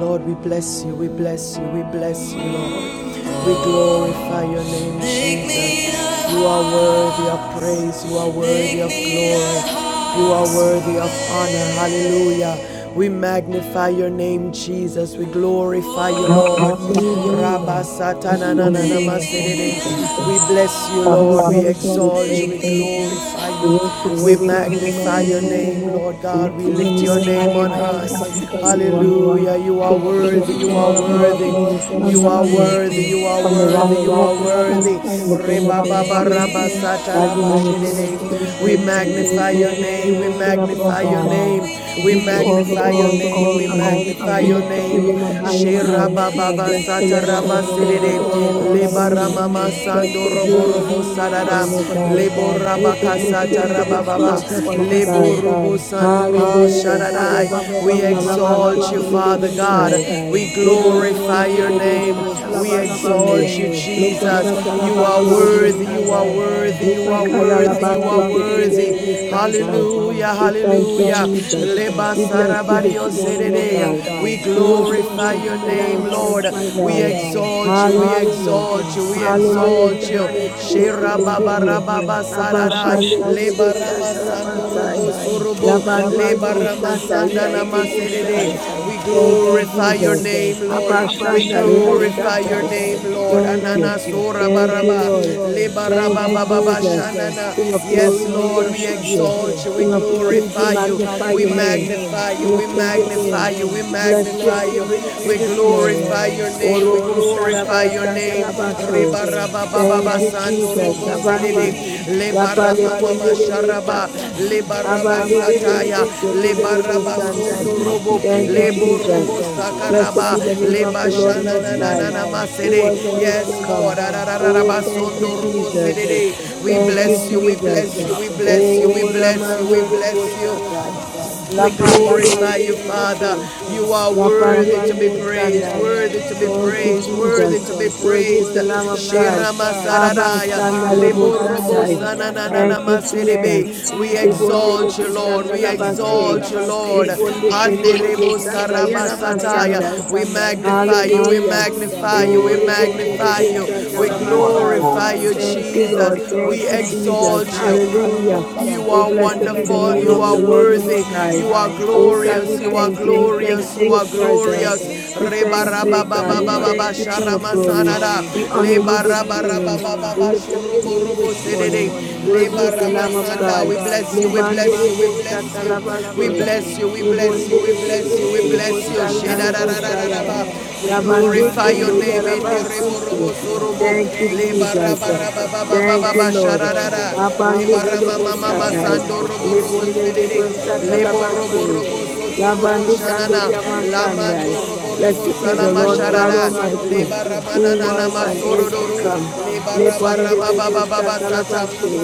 Lord, we bless you, we bless you, we bless you, Lord. We glorify your name, Jesus. You are worthy of praise, you are worthy of glory, you are worthy of honor. Hallelujah. We magnify your name, Jesus. We glorify you, Lord. Hallelujah. Hallelujah. Thank you, Jesus. We bless you, Father, we Lord. We bless you. We exalt you, we praise you. glorify you. We worship We you. We magnify magnify your your name. name, Lord We God. We lift up lift your name your on high, name O on God, high. because of who you are. Hallelujah. You are King of worthy. You kings, are Lord of lords, worthy. there is none You like are like you. worthy. you. are From the worthy. You are rising of the worthy. sun to the going Reba down of baba the of the same, raba God, your name is worthy to be name. We praised. Your name is magnify your worthy to be name. We lifted up, O magnify your God. We name. give We you all the magnify your glory, all name. the We honor. magnify We your lift up your name. name on high, O Shira God. baba Bless the basata Lord, O my raba soul, and sedede. all that is Leba within me. rama Bless masando your robo holy robo name this sarada. morning, O God. Lebo Great raba is your kasata faithfulness raba baba. towards us, my God. Lebo robo sando robo Hallelujah. sharadai. We we Abravasanda labaste exalt you, kende Father God. Besai. We Lobone glorify kendi your name. lebesata We exalt labastende. you, Jesus. Lopakata You are labande worthy. You are lebosandai. worthy. You are Lepakala worthy. You labaste are ketele worthy. lebesatai. Hallelujah. We thank you, Hallelujah. Jesus. We bless you this morning, O God. We We worship you glorify in your spirit and name, in truth, Lord. my We God. exalt you. We Hallelujah. exalt you, we Hallelujah is exalt the you. highest praise we Shira can give baba you. raba basarara, Abashande leba Yeah, rama the lebesata question was labasai. sandurubu the surubu, small shop Lavandere leba rama Bosanda Yebo Bobo Shai. maserede. We Thank you, and glorify your Jesus. clothes name, Lord. and the We Abashanda Lebo glorify your Satai. customer has to name, Lord. Thank you. look Anana to the sura Thank side you, baraba, Lord. leba here Thank to raba you, baba visit Jesus. King of people glory, Yes, who we Lord, we worship you. you exalt you, know we King and of then he kings, could we be glorify you, I magnify paid we your and name. he magnify We you, can we lift up your magnify name. you, we afford We bless it you and magnify if we you, praise you you we this morning. glorify your might have name, we Orobo to do glorify your Sharabasta this name. like Talabaste. Reba raba ba and Thank you, you Jesus. know Abandi. that we Lapale pondele just besatai. to real Abandele and to be to besekete lele family besandai. and Robo, Thank you, Lebo Robo Jesus. that's Blessed Sakaraba, be the name of the Leba the Lord Shana event Most na na you na High, na who Masede. was and is Yes, to Lord. come. Oh, Ararararaba thank you, Sondo Robo Jesus. Sedede. We Thank you, bless you, we Jesus. bless know you, I'm we bless you, Oh, we Ramandele bless you. Boshatai. We Lapandele glorify you, Father. besete. You are worthy Lapandele to be that's praised, bosandai. worthy to be Thank you, praised, worthy Jesus. to be Worthy is praised. the Lamb of God. Shirama Abba, Saradaya, Shanda, Lebo, Lebo Robo Sakai. sana na, Thank you, Jesus. Masedebe. We exalt Lebonde, Lebe, Lord, Sata, we Labase. exalt you, Lord. Lebonde, Kende, Lebe, Anderebo Sata, Yaraba, Sandai. sarabasataya. We magnify you, we Hallelujah. the magnify you, Oh, we magnify you, we You are ribbidibbidi-satalabasai. glorify holy, you, Thank you, Jesus. Lord. Thank We you, You're Jesus. exalt you. Hallelujah. You Lord. Oh, are blessed be the wonderful, name you of are the Lord Hallelujah. worthy, Most High. you are Jesus, Oh, God, we glorious, you hallelujah. are thank you. We thank Glory you glorious, to for you your are God. glorious. presence. Glory We to Reba thank God. you, oh raba baba God. baba We ba ba ba thank you, magnificent, King of sharama glory. sanada. We brother. honor you Leba this raba raba morning. baba ba We lift up your name this Yes, sedede. morning. man. Worthy God Leba is is the not Lamb of God. we bless you, You're we the Jesus, we the Lebandidibbo-satalabasai. bless you, name we of bless you, we Jesus. bless you, God, we bless you. you are the Lebondidibbo-sanalebosharai. Shedadadadadadaba. We you are Labandeke glorify you. Hallelujah. worthy. ndoyarabaseke. Borobosorobo. You are Thank you, the perfect Jesus. transformation. Thank Lebarabarababababababarara. you, Lord. you Abande do do bo are worthy. Lemamasandorobo. Lebonde de bo You look the sakalabase. good Leboroborobo God sotorobo. the Lavande Nana. Candoria You are the Masandai. Lamandorobo Blessed be You're the salama Lord God worthy, sharada. you're Almighty, worthy. You could have who Lebaramanana. was raised our and rabbi, is to you Sorororo. You are could come. have raised our Lebarabababasata. Lebande rabbi. lebe the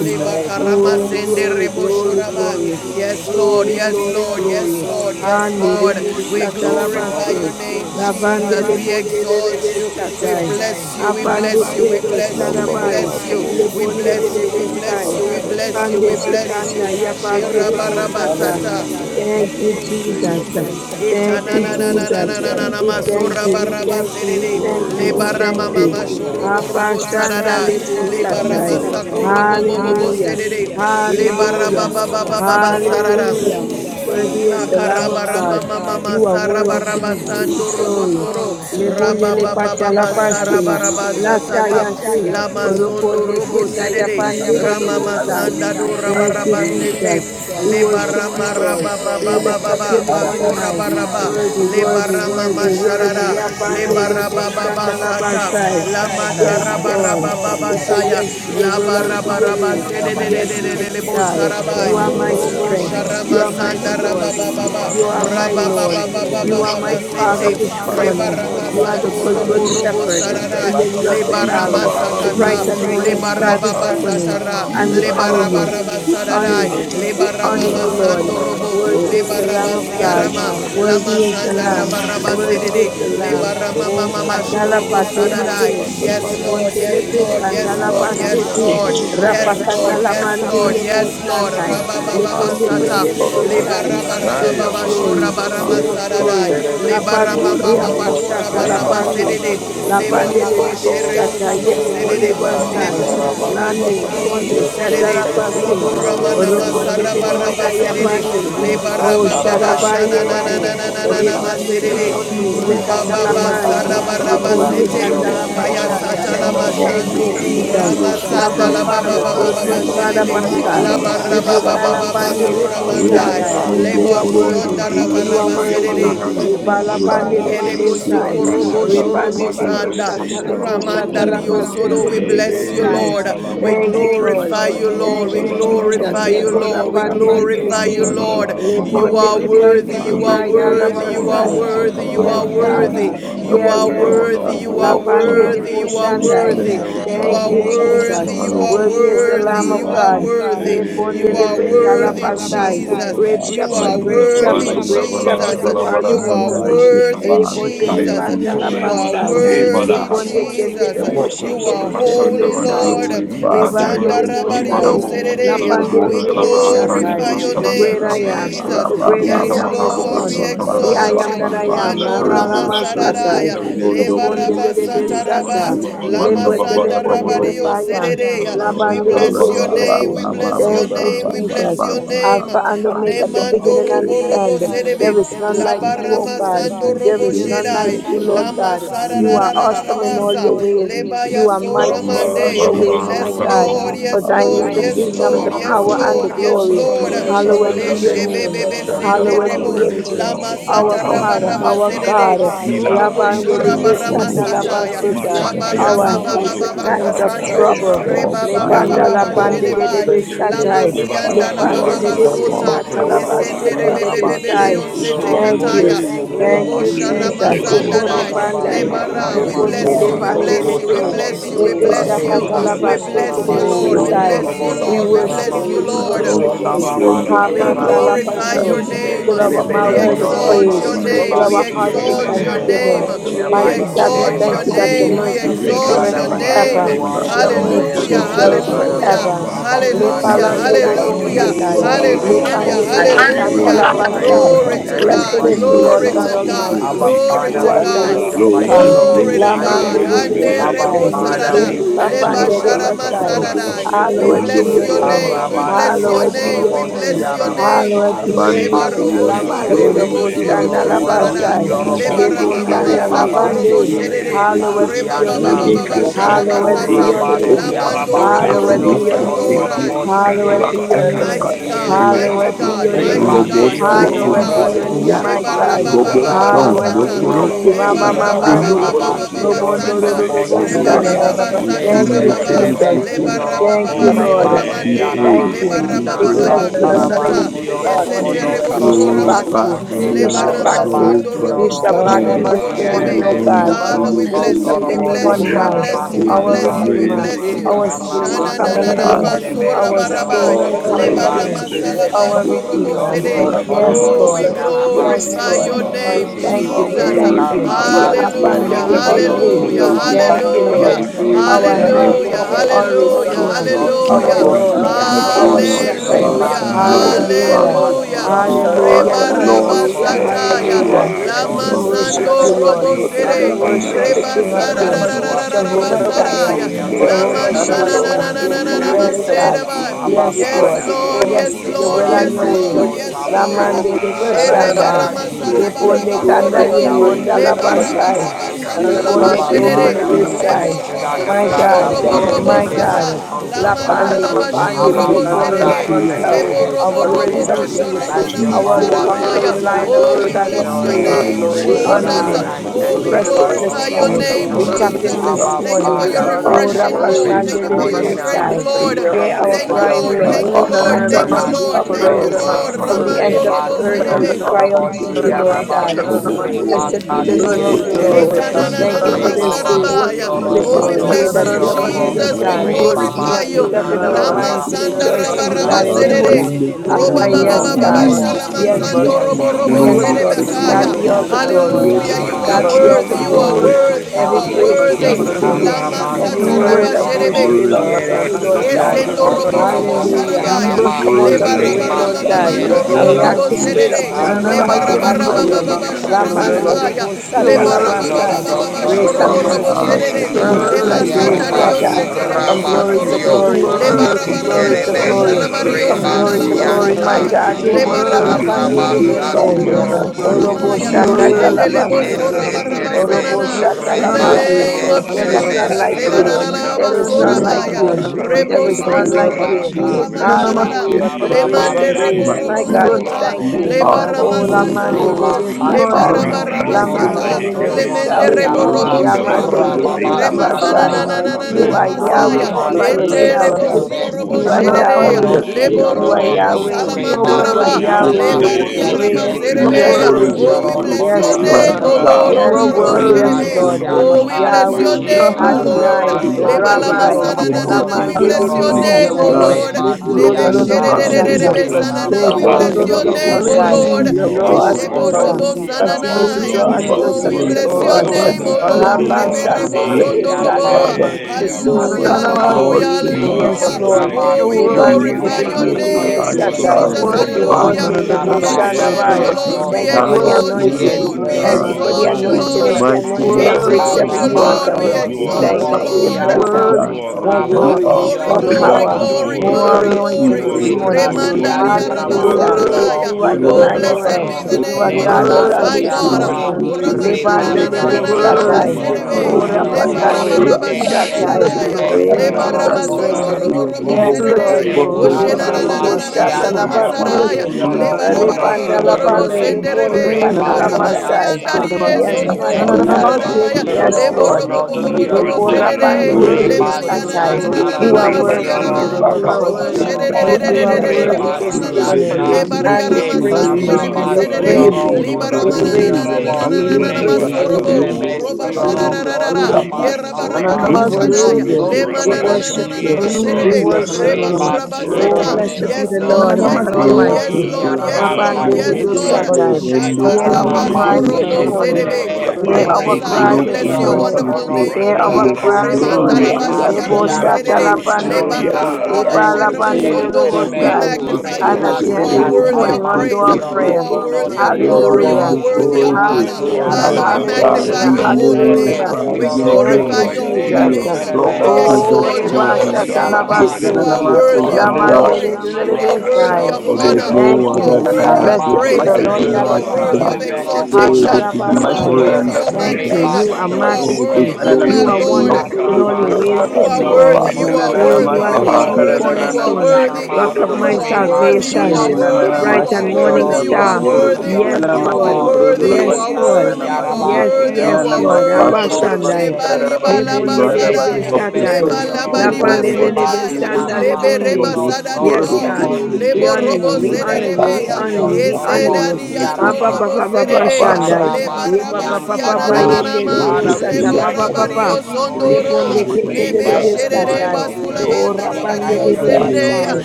We Lebakarama magnify Oh, you, Lord. sendere glory, glory, glory. and We Thank Yes, magnify Lord. Glory, you, Yes, we glory, Lord. Yes, glory. magnify Lord. Yes, Ande you, Lord. debo We you are mighty. we magnify you. glorify Lord, shatalabaste. your name, Jesus. Lavande lebonde lebe We satai. bless you. We bless Apande kendo and you. We Mamba sarabai. bless Baba you. Kawoho We We Lebonde bless Sakavade lebe Tiri you. sai. We Mahalavado bless you. Pande We Shokavaha bless Shata, you. shekanda acknowledge yapate Shira Alpha your and lebo Omega, satai. beginning barabasata, and the sata. Hallelujah, end. Thank Thank you for you, hallelujah. this day you Jesus. have made. Thank We're Itana going to you, hallelujah. na na rejoice and Jesus. be na glad na in na it. We Hallelujah, thank masura you. We hallelujah. baraba thank you. We serere. thank Glory, you. We Ana glory, thank glory, you. mama glory, kukoreria shoro na glory. Abba, borobo mawanda Shanda, sarara. Lebo, kusikiriria Le ba Shanda barama Satai. kukora koro Barakavaho bobo kusikiriria Hallelujah. Sakavata, serere. na Le Sikavaya kusikiriria Hallelujah. ba baba Manoho kukora Hallelujah. Shavarakaresa, Worthy Leo is kia the raba Lamb of God. mama mama You kusikiriria are ba sara. worthy to be received kusikiriria ba glory. kukora ba Levondele La Rabarabasasan Arama kusikiriria ba Latayate. leo Lama kia raba Sondo Oropone Robo kendaya Sedede Yudinya pandero siya Ramama dobosai. Sanda do hallelujah Thank you, Rabarabasete hallelujah Jesus. We Leba Siya worship Rama you, bada Lord. Raba We Baba kuri lift up Baba your name on Arada Basura high. Baraba Worthy, kusikiriria ba worthy, Lama worthy, kusikiriria worthy. Para Yapande Leba lobo Raba Baba glory Sata shandalabasai. Lama We Yes, you. bless Taraba Lord. Raba you, Baba Whether We Lord. say Saya yes to your will Laba and to Raba your Raba way. we Sedede Yes, mighty Lebo God. Sarabai You are Shanda my Kaya Robo strength. You Sharama Manabu are my Sanda Raba source. Sakavete Baba You Mana are my Raba haladosha Lord. Yes, You we are my bless you, Father bless this Zata you, Like, Kaya bless morning. you. You Korea, Mamoko are that's the the good, Korea, good that's the Somaharadese. shepherd, Korea, the that's lily of the the it's Esa the Korea, valley, about how that's Esabahala I the Korea, that's the would rondo bright do it and hozo to- morning to- star my this car. kotomakara. morning. And It's we not honor Isaka you. probably. bohosha. We honor you. We And, honor Senda uh, you, how hala I'm Lord. mama about to kata stop Worthy over Lord. mamakata is the Lamb bohokofa. of You like, God. you know, Rendevedesh. Worthy it's- is the Lamb. of the Worthy Isavana is hara the No, vese. Lamb. Oh, Manda patala borokoso patele sanda Yes, the Korea, Lord kaya. Lord, that's Levontele yes. it's not Yes, pekanta the Ekase. la Lord, Korea. yes, Rinda pastete. Lord, Thank kavaroso. yes, true. Lord, Rapakata la yes, Yeah. Lord, Ravakashata. mandele bo yes, Lord, sandai. Rabba Baba Leponde Basata, kende Salvación, le todo por Liba ti, besai. awesome, King Aya of Baba alabanza. Shura glory. vokosha Barama King Father, of karese. Dios, tu Saradai, glory. La Liba redención, paturi todo por ti, apashata la Rima alabanza. pande. makata Rabarabasedede, La Lebo bohosha. pande le Nuestro debesata todo por besata. Sherebobo ti, Ye popo Rabbi, Sedede, de herencia, Shandala vaha Jesus, basai. karamonoko alabanza. Lande konde zakavahasha. Nuestra shata la pase. redención, Zavaraha todo manomoho por You ti, Roponde koto le bahava ponda ya alabanza. kavarete. pande. Nuestra Oh alabanza, todo sharabayendo. Livarakatamalabo por koto. are Repande ti, le Eh, ponde. alabanza. worthy, Stekata of I la Shikiamata. pa worthy, and Moka worthy, of Iponde worthy of Samahakamanete. worship. Kandarabashandai. Thank you, Thank you, Lord, Skandavahakamaho for Jesus. Mahamanata. Abba you. Father, good I Vikataya Lord, this much Father Mahosha Your Jesus, Basha. Jesus, Babakavarese. Libukala Jesus, Pandere Landara Halavaneha Boshandai. Kalavondo You are Hosho. worthy. oh God, You Shanda are and Kaya worthy. grown is Manahavete the Lipala first Christ, and oh Pandere fear de the Imakavahoso. field Lebo that God, God Besai. soko has to robo Rakashata get at shorobo Repande the de bus seat. Boshata Makalabese You did Liposhata Ikalaboroto. it La about oh we two Pasete We God. de children praise bless of your Oh, you, us, Besai. name. E Lord. worthy, each of the oh, Bless We Thank Thank worthy, you, you, Kalambarabosha. oh, you. Lord. glorify you, the worthy, oh, We Lord. Thank We you, bless Shavala son of the bus Jesus. glorify you, worthy Rakabade of you, seat Father to Epora Lord. Karamono the We air God. bus Koto, Pandele worship. We glorify honor seat. you, Pese. you this Landala Lord. This Halava year morning. You is Leponde are the God Kalabadesi, who Thank worthy. you, Lepandele You Lord, told And are Li you this Paya year Kalabanda worthy. is You for operation Bolo are the Rabasai. other life, Koso the worthy. bus oh You God, Yes, are Kalabada seat. for high God. Kasa, and worthy. allowing And the bus me lifted to You up, seat O Shanda are be Yes, for the Kaya Lord bus Lord. here. worthy. seat. God, You Manahovo are our Goso And Lapande the de Father. worthy. You bus Rakabadesi, are We seat is Boshandai. bless And worthy. Linda I the you, other You thank Thank bus are Father you, you, Rakalaboho God, Kosha Jesus. worthy. worthy my You are Lord. Kabarata, indeed, seat. Worthy is oh the worthy. Lamb God, of You You are are God. you're from worthy. Hallelujah, Leponde You worthy, everlasting to are E lepeta worthy, hallelujah, Kashanda everlasting, lapasai. O Jesus. Rokoto, Great God, You shepherd, are and my great worthy, shepherd, Savior. Manda great Balaha shepherd Jesus. you There is are Kalabada You this are none Kata, like morning. your worthy, Jesus. Father. Leponde Shikaya am We lepanda hallelujah, You're Moto, You worthy, hallelujah, praise are the you're lapasai. name worthy Evala worthy, of Jesus. has. of Evadahasa, Leponde kende de the night. Omo, boshe You Momokoto, are hallelujah. kende de worthy, Kasanda holy, you're We Vada, Kashandaraha, worthy, hallelujah, lebesai. Lord. you're glorify the Lebande Ikataya, Isanda de name of bosai. rabario Katsaya, Jehovah. Imanamosho, worthy, serere. Lapande Robo Thank le Sandalaraha Shekinah you're lebesatai. Glorify worthy. Kadidos your The great name, Kalamaka I Kirishite. Hallelujah. am, Vehese, Jesus. the Oh, Rabba great Jesus, ba I Yes, ba am ba this ba Jesus, Lord, we ba Ikamahabohoso morning. ba ba The Jesus, I exalt. Kabarata, ba am ba that I you. ba. am. Shanda Mando Rebe Jesus, rama Kalamaha Kalehe Alamasatai. sararaya. Shekete Kilaride Rondo Leba Kaborosha, Jesus, raba you're Kirishite. Lebondelebesata. saraba. worthy, you're worthy, Manda Yekete Lama you're Babaha worthy, Shekete sario Kaborosa, worship, you're Lebotelepondelepaya. worthy, serere. Shekete. We praise, you're Rabba Shikalabaha ba worthy. name, Labandelebeskete. ba we Kosuma ba bless ba your Thank ba you, name, Kalaradasa, ba we ba ba Thank you, bless Jesus. ba your ba Lord. name. Alpha and ba ba Omega, the ba. You Mando beginning can and robo the Rebe glory. hear robo end. Thank you, upon serebe. There Shekete God, is my you. none son. like We Laba you, You Shekete. O rama do God. bless things sando Rebe There like robo is God, Rebe none Rebe like you, shedai. Lord Lama Rebe. the God. You power, are the sararara. Jesus, awesome in power. all your Jesus, ways. Jesus. Baya You are so hallelujah! mighty in all Rabba thank Bamba your Shlokundi. you, ways, my Yes, my God. Havakarabohoso, Lord, Lord, God, for You your For yes, are for we thine Lord, is guiding the precious worthy Shida yes, of me blood, magnify kingdom, Lord, the in all you, Kavahala Lord, power, and and the praises, I thank Lokosa glory. you all for the Lord worthy of yes, Kavaraka Lord. of us. Hallowed El be your your Elyon name. Shah precious And all I might Shahida blood. Sende go all Hallowed for Makala the be Thank your Lord you, Redese name of us. Lord. lama We sata our will our Makala all raba remember Father, you. raba God, the mighty our Halabosha my Father of dede. God, God. God, heaven. Thank you, Robo Lord. Shahila bo guide God, You are I Isama thank from you, Lord. Labandelebesata, Lord Wokoto I everlasting, thank you, shaba Lord. Jesus, me, I Makataya and raba our everlasting. ba our ba I Thank help ba might you. Momohozo ba in guide speak Kura You for the us, times are Lord of of God Mahakale sando. us. trouble. our Hese Reba all ba by ba ba Lepanda Not Yahasa yourself. Hallelujah, by Holohosha hallelujah, mind, Lord, not lama lapandelebesatai, by yanda Devahala guide power, laba You Manaha are by the your spirit, ta. Kalaboroko strong lepandelebesata So tower. Lord. You Esende are the rebe Kavarakata shaker. By bebe You labasetelebesai. o your sete guide, Shua Thank spirit, kata. you. hallelujah, guide Handavirese me, Thank are Robo spirit. Yoro, guide you, I the hallelujah, sharama me, in Jesus. thank the you, Nikola refuge. Lord. hallelujah. God, Mamakata I You my are Eporepandai, Thank the you, sebara. the- Ikataya Glory Lord. to the- God, the- God. God, the- Rukasa glory the to lepondelepandelepe, God, Mahokarabasa We glory, bless Jesus, God. Sika We Jesus, you, bless hallelujah. we Jesus, Mahaladese you bless. We Shandala bless you, and bless Oh, your Lord. We O worship praise debesai. bless you, holy you, Rahanda Lord name, We Lord. We Jesus, Bahakale you. bless worship you, you. worship your We holy you, Lord. worship Rabon Father. de name. We you. bless Coron you, de Manavaraha We Lord. Curia You glorify are Kolavabokoto. Habata your Sata. the Hallelujah. name. Fill our Yes, We We mouths yes, worthy Rema with Mama magnify yes, you, exalt Mama praise. and names your to in the be Kate. glorify Fill name. you. We our exalted. hearts with exalt O your Hallelujah, Eleleo God. name. thanksgiving. We hallelujah, Mighty Kuroko, Maharabarakata. Baba, La mighty God, la we Baba, la exalt name la thank your of you Yes, that Santa, your Your name. koso. Jesus. We Lord. mercies Yes, exalt endureth Father, hallelujah, Rikasa. your we Lord la give name. forever. you God. all hallelujah, the Lahabahekete. Your Saraya, glory mercies and Mama Hallelujah. Master, all the Lord, endureth Ohokoto honor. Saraya, Hallelujah. forever. Abba, Rabavaska. Yes, Father, Hallelujah. we Ayala, Baba, thank yes, you Hallelujah. Ikatavakasha. this Saraya, Lepalandelibosatai, morning. Baba, yes, Malahala worthy Baba, Hallelujah. yes, of yes, Wosha. We all Saraya, thank you yes, for Saraya, your Baba, yes, praises, Hallelujah. Rikasaha yes. grace. Baba, lepandelipekatalapasai. Glory Rabba We Makate. Saraya, to thank you Saraya, Blessed God. for is your Rakatia the Sukundo Lord mercy. Glory to God Jesus, Koroko. Makalababo. Jesus, Almighty, Abba, Glory who glory, Father, Zikata. Glory, to we was God. and glory, thank you is to for Hallelujah, glory, your glory, Lahahosho. come. Glory glory, loving hallelujah, to Mi glory, God. Lamande kindness. glory. de glory, kalavende hallelujah, verehe Abba, Terebo Besatai, reverendo You hallelujah, Father, are kilavarosha. sarada. Maria we worthy, thank Leba hallelujah, Lepulapande Lord. de Santa, you. Chilavana Basai. hallelujah, Kalamana nobosto Shekarabastion saradai. Kalavese, Hallowed be tundo We bless your hallelujah, your Lord. name. corosete, Zavalavala Hakola Hallowed be your Bodoso Torobos Jesus, name. Cristo, Yarama name. We Jesus, Brakalabarakata, Hallowed be your E Jesus, rabando name. bless Rebastion tuyondo Jesus. Katalabaraka your Alabande name. the Terebes Celebere corocote, Hele Boshanda Yoro robo leba Konos Manaokoto, Labasai. Hallelujah, hallelujah, catanda Yorobo turo lebarama Lebo Sharamana kunde Re hallelujah, Hakalavara baba hallelujah, tuyanda Haki Kandalabande. turo siere be dedede Talahese, coteto, Hallowed be your baba kasianta. baba name. rebete, Hallelujah. Ikate, Yo sharaba Hallowed ikate, Namaste. be porra coteto, Worthy, your you ikate. name. worthy, Kodorodia okwa you mando basiaraba. namaste. worthy, robo you kataku, Mandavarese, Hallowed No be Kodorodia your ikala bhakti. worthy, name. you mosha. sokorobo worthy. you Hallelujah. Hallowed Gandala siere worthy. be We your Rakanda kena name. bahakata. All Magnify you, kata God Lord. siere praise, be. my Lord Hallowed be torokete. Rumbarahasa, God. your kila Re name. hande Hallelujah. Robo We God You are ese, basion my ila Hallowed torobo glorify be shokunde vanda you, your mighty, you are Lord. kolo name, ya. mighty, my sheba siaraba. vosha. God. Hallelujah. baba Robo Kodorodia baba Varahasa, you Hallowed shondo namaste. be are your God, Rabasata. name. korokete you ukalabara, Kodorodia Mama are ya. namaste. Ika mighty, Kundo Mamande. vakaredosh, koro. you baba baba rabasion ikala you Lobondo vende torobo Kodorodia namaste. veheke are Na se na na siere. mighty, vila na you Daruraba Loboshandai. are namaste. haradosha. Thank Nese you, shokundo Kodorodia Randa mighty, namaste. terebe Jesus. korokote. Kodorodia vakashata, sioro Thank baba you, porre namaste. Lord. you Jesus are be de We Namaste. thank you basiaraba. praised, are e you. we lebaraba We baba faithful, kashandala bless praised, you Na you. na are We na bosha. be na baba praise Nasatarabasi you praised. namaste. this oro yes morning. kono Kodorodia terebo We wonderful. namaste. shall shora soto, Ikalavanda back No, Glorify vavaha you. the e We thank name shall you, lebarando of kalavohosa back you. thank karabasi kavarese. you. Jehovah We robo oro this shall Nasatarabasioro so back you morning. Bless Konosoto, this Ekarabasioro the shebe morning, Ala Konesierebe, O Robondo God. Father rodohosa. we We There's no lift bless korokote. up one, your name on Ikanda high, Jehovah there's no you we is one, kakakona our bless there's Nosotorobosiarabasata, your you, no we one, mahave name, Redeemer, there's bless no one, siki you. mighty our there's ahanda no soon Shana na one, na coming wologoso. na King, God. basura our there's Tanda no Ekarabasienterebesioro one barabai. soon I halava God, and would coming sakala Lebar King, that's vedete. going Rabashi, Orebasierebe, before our them, up, there will Redeemer. be no Randa one Yes, bahala Rabban, after you, Oh, we Lord. bosha. Lord. God. Nosotorobosiaraba. Jesus, There Yes, is glorify no Sika Lord. your bahala one, We you name, vese. are thank you you. Jesus. are We alone, We thank you, Randa thank God, worthy, you. you are you kashata. are Upon Hallelujah, Lord Landa worthy, Lily You you are are babaho Bibli. hallelujah, koto. Almighty. worthy, Thank You Linda you, are you hallelujah, Lord. are balaha God worthy, Our kalabarese. Kila help, mighty hallelujah, balaha who God. kola our was bobo hallelujah, There God are Redeemer, koto. no who is and our Rava hallelujah. equal God Lord with who kashata is la you, to O our balaka come. Lord You shepherd. varete. are, God, Hallelujah, you are, you are. Almighty Ah, Father. Hallelujah. kasanda hallelujah. You rohosha. are Hallelujah. Reba Jesus, the Jesus, Lord Lord. raba of Hallelujah. Lords, Jesus, sataya. you are Hallelujah. Jesus, the Ah, King We Lama of kasanda Jesus, Kings. worship sando you, Jesus. Jesus. bebekete. Lord. robo You are We the We thank sere. you, lion Thank of worship you, the the Father, Lord Reba Ah, King of tribe la say God. of sara that What ra konda a Kings, ra through ra our Judah. ridiculous babakata. thing Jehovah to prayer. You are kill the me, Jireh, And way saraya. kill we are me. going to maker, Lama Jehovah Ah, shana mighty rejoice na God. na Shalom. and na Casandala na be na Lord, na Thank glad ma we in Yes, you, Rehekete. it. thank God. you, ba. we thank Lord. Abba, Yes, you, Yes, Thank Lord. Father, you, we thank we Ah, Lord, Lord. La thank Yes, yes, you to Thank your you. for Lord, will yes. our you, Borocosa and Then your they fresh Lord. Thank you, Lord. Thank you, Lord. Thank you, Lord. Thank you, Cavarata. way. see the dose Yes, of fact Lord. Lord. grace. Lamande de Oh Ah, that Sherebara Bashandai. Thank God, you, Venda we You are thank the you sarabara Lord. Vedescriva Leponde for shook the kanda the breath Halaroso. sorobo. that we throne, yembonda the breathe Leba this labasai. creator. Ah, morning. You are the satalaba Leponde Abba, Casandala sender, kende of sherere. Father, we Isaha. the lebesai. thank you Robo that the My plot sondo creator. Ah, of God. the robo God, Thank Lamba you, robo we enemy My did bless not God. Lord. Halabocoto come to La Cabaraha you. Jesus, pass. You Pande, are one Carabese. that Pande, you Abba, are Father, Lopone, the I Peace creator. thank of you Ananana Ah, this our Sanda We Prince morning. thank of uh, you. Hallelujah, Kalahenda Peace, Thank Reki you hallelujah, our for Jesus, your watching word, Isatayala conquering us your lion and Jesus, of Oh, Manabosa. the we word, tribe cleansing of bless Jesus, your us. your uh, praise. word, Ah, name, wonderful, my We Lord, Oh Larisi, and God, Jesus. Jesus. honor I'm you're God, not you. Ikaya, I too We Oh, thank Mohosha, we wonderful, you Glory, press proud for in about this glorify you. your Bambalaha morning. The sustaining name, We awesome, us. Kalamosa, tap word Jesus. of glory, mighty in this God. this is Abba Momokoto, Thank you for morning. glory, your Father, You honor, we Kalavaraka, are O and thank refreshing, our you glory, Ikataye, Lord. praise, this Rapashande and glory, I'm not counselor, morning. uh, too our Thank Ikataya, you, Besai. proud of Thank Lord. we you, you, about Hear thank what thank you our glory, Ikataya, Thank you for you. you, have. cry, O Lord. loving Sika You Lord. us Thank Eh, you, with are na, a na, Mohosha, your Lord. na, glory, na, I'm Thank Attend mighty not you, glory, unto too everlasting Lord. our Thank proud of glory. you, Remba you, love. prayers. deliverer about Uh, Lord. Baba what you Thank from From the you, the Ramando ends time. Lord. Kalamohoko of Reba the robo Worship earth Thank serebe. will Tion You we you, Sakabarete, are cry Lord. the Torobo unto great you, Thank Lord and you, Siaraba, God. Makataya global Lord. water Reba Momokoso, Blessed you, be the who name will put of Kasien the Jesus, War, Lord. Lord. Terebe, Jesus, me Thank you for Hararabasi. Reba this Jesus, War, day. Worship For you, Basioro this Oh, is we Lord. the Kono day bless Jesus, War, Rabakati that Jesus. you have Siorobo, made, Hararabasi. O Dokoroni, Jesus, we We Thank you, God Lord. War, Reba worship we have glorify you. you. made up Debeshete Basian in our Thank Hananamasi. Lama War, minds Taraba, to you, Dokete, sanda rejoice raba and be Kodarabasi. Reka raba glad in We War, serere. Lord. it. worship Siene. Rabatondo you, Ah, Roba Lord. Yon Korondo baba yes, so baba God. War, Light that Hananamasi. torobo Kuyi, sharama Yes, shines. sando siene, Kodarabasi. Yete Lord. robo We robo Glory, Yes, Korondo worship reba Bandara Lord. you, light To that is sion serebakaya. God Lord. be Kotoroko, all come. Kasavarosha, the torobo Come glory. to Hananamasi. Hallelujah, you. you To siaraba, are God be Rebeshete Kodarabasi. Come all worthy, the Bandara you We to you. are raba glory. Korokote, Kabarete, worthy, worship you, you sata, Every are become praise a Hananamasi. worthy. belongs Rabando Banda to da da da prophet you. da Lama da Kodarabasi. Korokote, Every who kavara You sata Aramasion word the worship are of you, halarodosha. worship serebe. word Breaker. belongs to that Toromosiere, you, Banda Lord comparable da da da da God. to da Yesendo Rabashu Noso the Hananamasi. robo kavara kingdom robo Kototo, hasata. Hallelujah. We shaya. the We worship Toromosiaraba, come of out word the Banda you, da Leba of the da the da way, mighty da mighty Lord sata God, Redeemer, da God, mina most and robo we Rebasiente, Rebende robo ask hakoto. the Kararararati, Spirit serere. of Kuyokoto, Banda living da possible God Leba da to da Shekaraba. raba da have Ananamati, your raba Napoleon sata way. da Rabashu, mina Koyamaku, sharama Ramande de havendereshe. Nicaragua Kororabati. saya. of Your Bosata Leba Kotote, raba Banda his da word da is da da Labasai. baba baba morning, kavara be Carrasino, Grace shorobo and Nosotros robo halarodokos Ananamati. mercy. como honored fiere kamara and serere. casi que Your hasa. Mercies Leba cuando word lifted up, and is nacia my como grace, Banda Ananamati, da my raba, God. que da Dios da God te se da da Rabbi tenemos from zava glory hondo hakala comprobó Ananamati. to robo, Shekete. por Your rabación rodohoso glory, In the We word torobos kavarata. from is practicar glory con praise to your fierebe, Banda glory, da Kararararati, el da da matchless da da from signo Ananamati, name, glory hasa to de kala Rabbi la glory, hosha my fe Ananamati. rebasianta, God. kavarete. Your Shekete. Ebonda word la We is to Banda pande da be da como da received, da shikarabasa glorify casi libende. your vima glory que tioro and se matchless harokoto praise. Orobo name. Your makavarasa. comprobó Rabbi, shakata word conociorobo, la is por la Banda da da basete. da Ananamati, da Kororabati. nakola neseterebe, Orobo There barakala shata posibilidad is la none rende like you, mandi. hese. name rebasien Lord, of Oh There is Jesus. terebe Banda Ananamati, none da da like da Jesus, da you. sioro da Kororabati. Jesus, mina There There is is bless akoto your none none like like name, you, Bandadadadadamina conociorobo, you. bless your akotorabakashata. Ananamati, holy There Rebo is name, none bless like sondo you. Rebasianta Kororabati. rama your de Randabadadakasibidekeshi. holy sharada. Ananamasi, Hallelujah. From name. Le grace to mande Thank Koranamasi, you, rebo grace. Eh, My robo we Lord. Carabasatioro so. God, worship we rabakola thank in you monoho your you. Le are Conosioromo majesty barama Oh, and la your kosamakata. Thank you, mande amazing. Lord. sabo. de glory. You You Thank Le are you, are bestatai. new, baraba Rebasatioro Lord. raba La sa. Rakatia Thank you, mande magnificent. de Kananamasi, Le Conosotoromo Lord. My lahekevesi. we mende God, bestawi. rebo exalt Siaraba You're robo we so. you, worthy, Yamande praise bakata you're kendo la Ananamasi, worthy, Na Ikala you're na bashai. na Rababasata na Ananamasi, na worthy, we na You you're worthy, y na you're are ufsakaberete. exalt randa Yahweh masaya. you, worthy, all by shata Ente you're yourself. Karanamasi, La rebo si worthy, orobo You kalavosa. are you're Carabasienteremesioro sherere. Ananamasi, Yahweh. worthy. Le In the You are Amen. Conosioromo borobo. name Koranamasi. of Yahweh. You are Jesus. Give You are worthy, Andaraba, thanks, I Lord, In Rebasiaraba the Yahweh. you are give thanks, name I of worthy. give Reign, Yahweh, in You the are thanks, I name Jesus, of give worthy reign. to Oh, thanks, Yahshua I we Neseteremesioro give be bless you HaMashiach, Yes, your glory and Lord. thanks, name, you O are honor. the Lord, I Lord. give Conosioromo You Yes, anointed are you Lord. salvation. Yes, You worthy, are the your thanks. Lord. wonderful Oh, name, we counselor, Rebasianta, you Ananamasi. the bless are Oh, Yahweh, your mighty born You to are thank God, name, O you, the you. highly Lord. Lord. Adonai, You everlasting are Shikarabasa, Thank exalted Father, you. Lebalama my in Rabbi, your the Tiro, na Prince Bless, of majesty. we Shendoko. Peace. Lamande de bless, bless your You are Conosiorobo, bless, Hallelujah, Mighty name, we O Besatai, worship. Hosanna, the, God, bless. Lord. we Le- the Rebasianta, Son glorify of your Hallelujah, Yes, David, Lepolololoboshata, we shererererebe bless bless your your name, sanana, we holy bless holy Rabando name. name. your Shikarabasien, Koto, name, O Ashamaharokoto, Lepolololoboshai. Lord. Hallelujah, the we Jesus, Bless Draw Terebesioro, your us offspring of holy Eshebo glorify closer. Jesus. Jesse. you. robo name. sanana. Continue Conosiorobo, to You are the draw You You us can are Hallelujah, Oh, lift closer we we up to Messien, great, a the multi-breasted bless exalt one, you, your mercy El cross. for Lord. name, Rabbi O more Shaddai, you Lord. Terebesioro, So than Rebe the Hallelujah, We rebo you Habashate are taking de bless to Elohim, sondo look you, worthy at Corabasiaraba, your Besandai and robo. Father. number the mighty. for We the soon Hallelujah, Eyarokoto. coming Sataraba, mercy. King. exalt hallelujah, Ananamasi, the You are Yes, hallelujah. Bless Alpha mighty and Kurabante. Lord. God. Omega. I Oh, You are we the my We worship Shikarabasion, beginning Lebande you, and body. lift glorify the end. your you up, lebekende O Bless name. You Lord Ananamasi. your are the Orobosierebe, holy beshatai. God, first our and the Worship name. Hallelujah. Thank you, last. Father. Lebonde you, lebo And We Rebasiaraba, Lord. praise shalabai. Hey, Lord. you Kurabante. We in Thank Kachonda Thank you for you, the high Nosotorobo, see exalt Worship you, you, Rohokoto. you, anointing. places, Lord. Lord. Lord, Siente, We Thank God. You you are the for And the exalt Oh, you, door. anointing. Oh, so Lord. It's Kurabante. should the I mighty anointing You have that are God, the such a Worship breaks because Exalt every you, door. you, you Thank are yoke. Lord. our We Kurabante, Shikarabasion You We are the strong thank exalt you, you, Kurabante. you Torobos for tower, your door. Lord. Lord. mighty Yarama presence. You Worship God. are you, Thank the More you, Oh, You door. glory, are, Kurabante, glory, Rabasion more Father You thank glory, are God, power, Kurabante. the the Torobos you, glory, door. great Lord. more glory, high Worship Yereme anointed glory. priest. You you, are this the Worthy, worship Ro- bo- morning. door. you, bo- worthy, bo- Remanda worship Rikasian you, bo- bo- rabaya. worthy, You bo- are bo- the Hallelujah. bo- bo. door. Tarabasioro worship You are you, da, da, Oh, worthy, Rebe bless da, da, da. Konosoto Emmanuel. the worship, sheke You Rabakashata are name of the God worthy, Mahanda tonanda with Most us worship worthy, High kare you Bohosa this in God. your Nesatiarama kunde praise. morning. Kabense. splendor, keke. in your Oh, Lebande glory, Blessed Rebe lebo Likala is vanda sheke your Rebasatioro worship Ramashanananama. hu satai. you, nde name, for your there koro is makala none Ora like name, keke. your you, Konosioromo atsa pakande Rabara- Lord. de name. We Raba yekiato bless beshatai. shende you, Lord. kia Rain, Leba ta- makala Neseterebesioro ta- Jesus, ta. Hananamaste, da, rain. ramazondo da, da. robo humbarahata Ro- robo We bo- Konosoto bo- Yes, bo- bless Lord. bo- serere. you, likaya bo- hunda bo- bo- bo- Lord. Holy, Yendo bo- barata lobo bo- holy, Oshenanananananaya. Hananamaste, Shekarabasian shata bo- God. bo- true, sikia We bo. no holy bless you, labastete. mohosho holy, Tarabasioro Leba rabare Thank Hananamaste, you, da, Repanda da, Rebe robo Lord. da, ah I robo da. Konosiereme labande sheke Thank you, leponde Yeah, enderebe. Lord. na, na, kata ribakala Thank na, God. na. lehebe hesi labasai. Hananamaste, da, ribasianta. You're da, da, da, Yes, Yes, robo worthy, Blessed you're mighty robo bamba God. worthy, baba Rebes Hananamashe, kala sararaya. you're da, Yes, worthy, Lebo bohokoso Lord. robo da, Yorokonos da, robo da, robo da worthy, Lepo randa da Yorobo da da rapande worthy, de de worship kavarakata and worthy. besatai. Rebasian adore you. You are Tarabas Lemanananamasaba, randa Oh, da Kadadayabasi, da worthy. da You Jesus, are Yorokonos Robo kadadadadabasi. rabakatala worthy. holy Yorobo You are nanana Hallelujah, worthy ikasamala name, this hakala worthy, Jesus. morning. Rebasianta menehesi Hallelujah. And we E praise unda you. exaltation, Hallelujah. We you're bahakala Lebariaramasandiyerebeserere, worthy, rodo praise carabasioro Hallelujah. you're you. hokola We worthy, madakata praise you're Hallelujah. you. conosiorobo, worthy. We me, landa Ikarabasioro Hallelujah. praise you. konosiorobo Baramanananananamasorobo, valakala Hallelujah. Thank you, Roba mohokotala Lord. meseterebesioro Hallelujah. Sharararara, Thank you, Hallelujah. Lord God. korabasata We I Yerabarabarabasan, Ananamase, Rakasata, worship Thank you, you. Lord We God. nosotorobo Lemanananamaserebe, kuriyadabasi. worship Rakasata, you. We sierebe Hallelujah. Jesus, Jesus, worship Rakasata, Jesus, you. Ananamasi, you're Oh, Rebakurabasata. you. blessed kuradabasi. rebasierebe be Rakasata, the Yes, Lord, worthy. Lord We yes, God Ananamase, Lord, yes, praise nosotorobo Rakasata, Almighty. your Lord, name yes, kuradabasi. this Lord. I Abandele morning. Alabohokosa siarabatasete Thank you, I Besatai. Kuntadadiyabasi. Bakase, thank Redendo you, Hear I our thank korokete Hallelujah. cries you, this I Atarabasorobo Rabakoshata yakete. morning. Ananamasi, thank Serebe, you, I thank shekarabasienterebe you, Hear Bakalabareki, Reba, our Rabasho cry Rinda this I thank your you. korokende kuradabasi. rebasioro morning. Varakasa, wonderful kete. name, Hear O Randa God. our konosiorobo cry, Redende Dadakasa Lord. Glory, Bohosha, Oh, glory, Lord. kriyakata Lebo glory, Remandalabashiarabaserere, Ikate, rebasiaraba glory, I'm ndakarekete no Shatalapandi. glory, glory, glory, Shahila, yakata Lepa sotorobo rika so Lapandi glory, ndakarekete. thankful, I Rikababokoso, truly We glory, sienterebe. Lebosai. glory, am. magnify Banda you, And Rica Kasha glory, Lord. You Redende Thankful, attend are I'm glory, uh, this Vehete, worthy morning thankful, of siantaraba I'm korokete unto praise. our You thankful. i sioro prayer. are kete. cono worthy of Ura glory. hallelujah. You Yes, siorobo. Thank Hallelujah. are Redende you, Kabarata, worthy Lord, of yes, korote. Rebasi honor. Lord, Hallelujah. Father, Grandpa. yes, we araba, Mighty Banda This Lord, is magnify God, Baraka yes, Hallelujah. we still your Veres, the dese Lord, holy name, end yes, terebe to Hallelujah. Lord, glorify We come. your yes, sioro Thank glorify Lord. you, name. your Lord. Sikataya, conosi holy name. We el Jesus. Oh Be We terebe, exalt Ekalavendeheshi, you exalt God, this Oh, receptive to Hanamaki, your Reba holy name. morning. rebasi Rokasha, Hanamaki. hearing, to We araba, You lift seek Mahavedeshi, Shatalabasi. are your los you, to Ananamasti, full worthy of know you, God. Lamande sorborobos glory. Kodeyada, Kambalabosha, Lord. You de You are siere, Bakakoro, Besai. worthy los Rakashata, are of For there honor. is worthy, Kosekere, Valehala you Thank Vora no are You sorborobos you. other are worthy, Monoso, you are worthy of God Blessed worthy, siaraba, be you praise. the Ananamasti, beside Lord the Vakaredosh, You God Kodeyada, are mighty rebasa Kavahala worthy God, Almighty. of are worthy, you are worthy, tioro you Nevekese, worthy exaltation. worship, to you conosi be You are are Ananamasti, Hatarabasai. worthy, orobo, you worthy, praised, Rendevaka, O Kodeyada, my my Thank praise, you. God. King. oh You are rebasi God. You Lekasata, I'm All are el the so worthy, majesty. te, O my You thankful, glory I'm are Mokalavehete, de Ananamasti, Lord. belongs so wonderful to in you, all thankful, your Lekalavaha my carabasa ways You this are God, Kururabasi, Kalarondo, your tioro worthy. morning. Father. You so are thankful, Oh, Vindavadesh, conosi worthy. You you are are the Nananamasti, You high are chief orobo, and worthy. you You Limbadavarakata, are cornerstone, Karananamasti, rock Messiarama, worthy. thankful, of my are thankful, Kururabasi, Ekalavarokoto, worthy, you are salvation, are Rebasia, lifted, thankful. the Shahila, worthy, my you bright and are Nananamasti, God, morning worthy, Tarabasioro, Kasambarahusha. you Kuriyama, worthy, are star. Kukuru, You're worthy, worthy, worthy, Conosion, Yes, worthy, you you're are Nananamasti, Lord. Torobo, worthy, worthy, you're worthy, you Yes, worthy, are worthy, Kururabasi, you're worthy, you're Lord. worthy, you worthy. are Kananamasti, you Recasiarama, Yes, are- mighty Oh, worthy, God, yes, you come are you on. Noso, Lord. are Nananamasti, worthy. Abba worship. I Torobo, can see Kururabasi, Shandai. Siere, you. Liba On Kararabasi, the laba, Lebonde Nessien, lelebe rising Kararabasi, of the satai. leba There's a sun, worship to laba Terebesioro, the you, little, Lapa diba Lord, going down of no, worship lelebe I saya, you, sanda worship Correbasiarama, you, lebe reba see- lebonde. Robert, da yes, Noso, Yes, yes, diba, worship Hey, you, God. yes, Torobo, Lord, yes, We yes. lebo honor Siere, you you. robo We paid Labor, honor up you. tax, for We sebeya, tax, honor and you. Rebasion, something. We not to honor ese work Torobo, You you. dani in will the ando take Papa, Siarama, city. robo papa, it. papa, Rabba, sebeya, You're tax, Shandai. tax, worthy, Ye Lord. barabama, You're papa, Ekarabasian, papa, papa, worthy, yes, Taraba. Lord. worship yende you, yes, worship lobo yes, Father, yes, we you, shata, lebo yes, papa, thank worship and you the papa. You're radio this city you, of Le worthy, morning. God. worship uh, you, sondoro, ponde Lord. You're worthy, worship My kete we You're you, de de worthy. thank worship God, you you, you my for are bestatai. reba worship your you, God, sula worthy. Lord. O grace. banda, We my rapande rio thank my de you de for God, your sendeya, bestai. Hallelujah,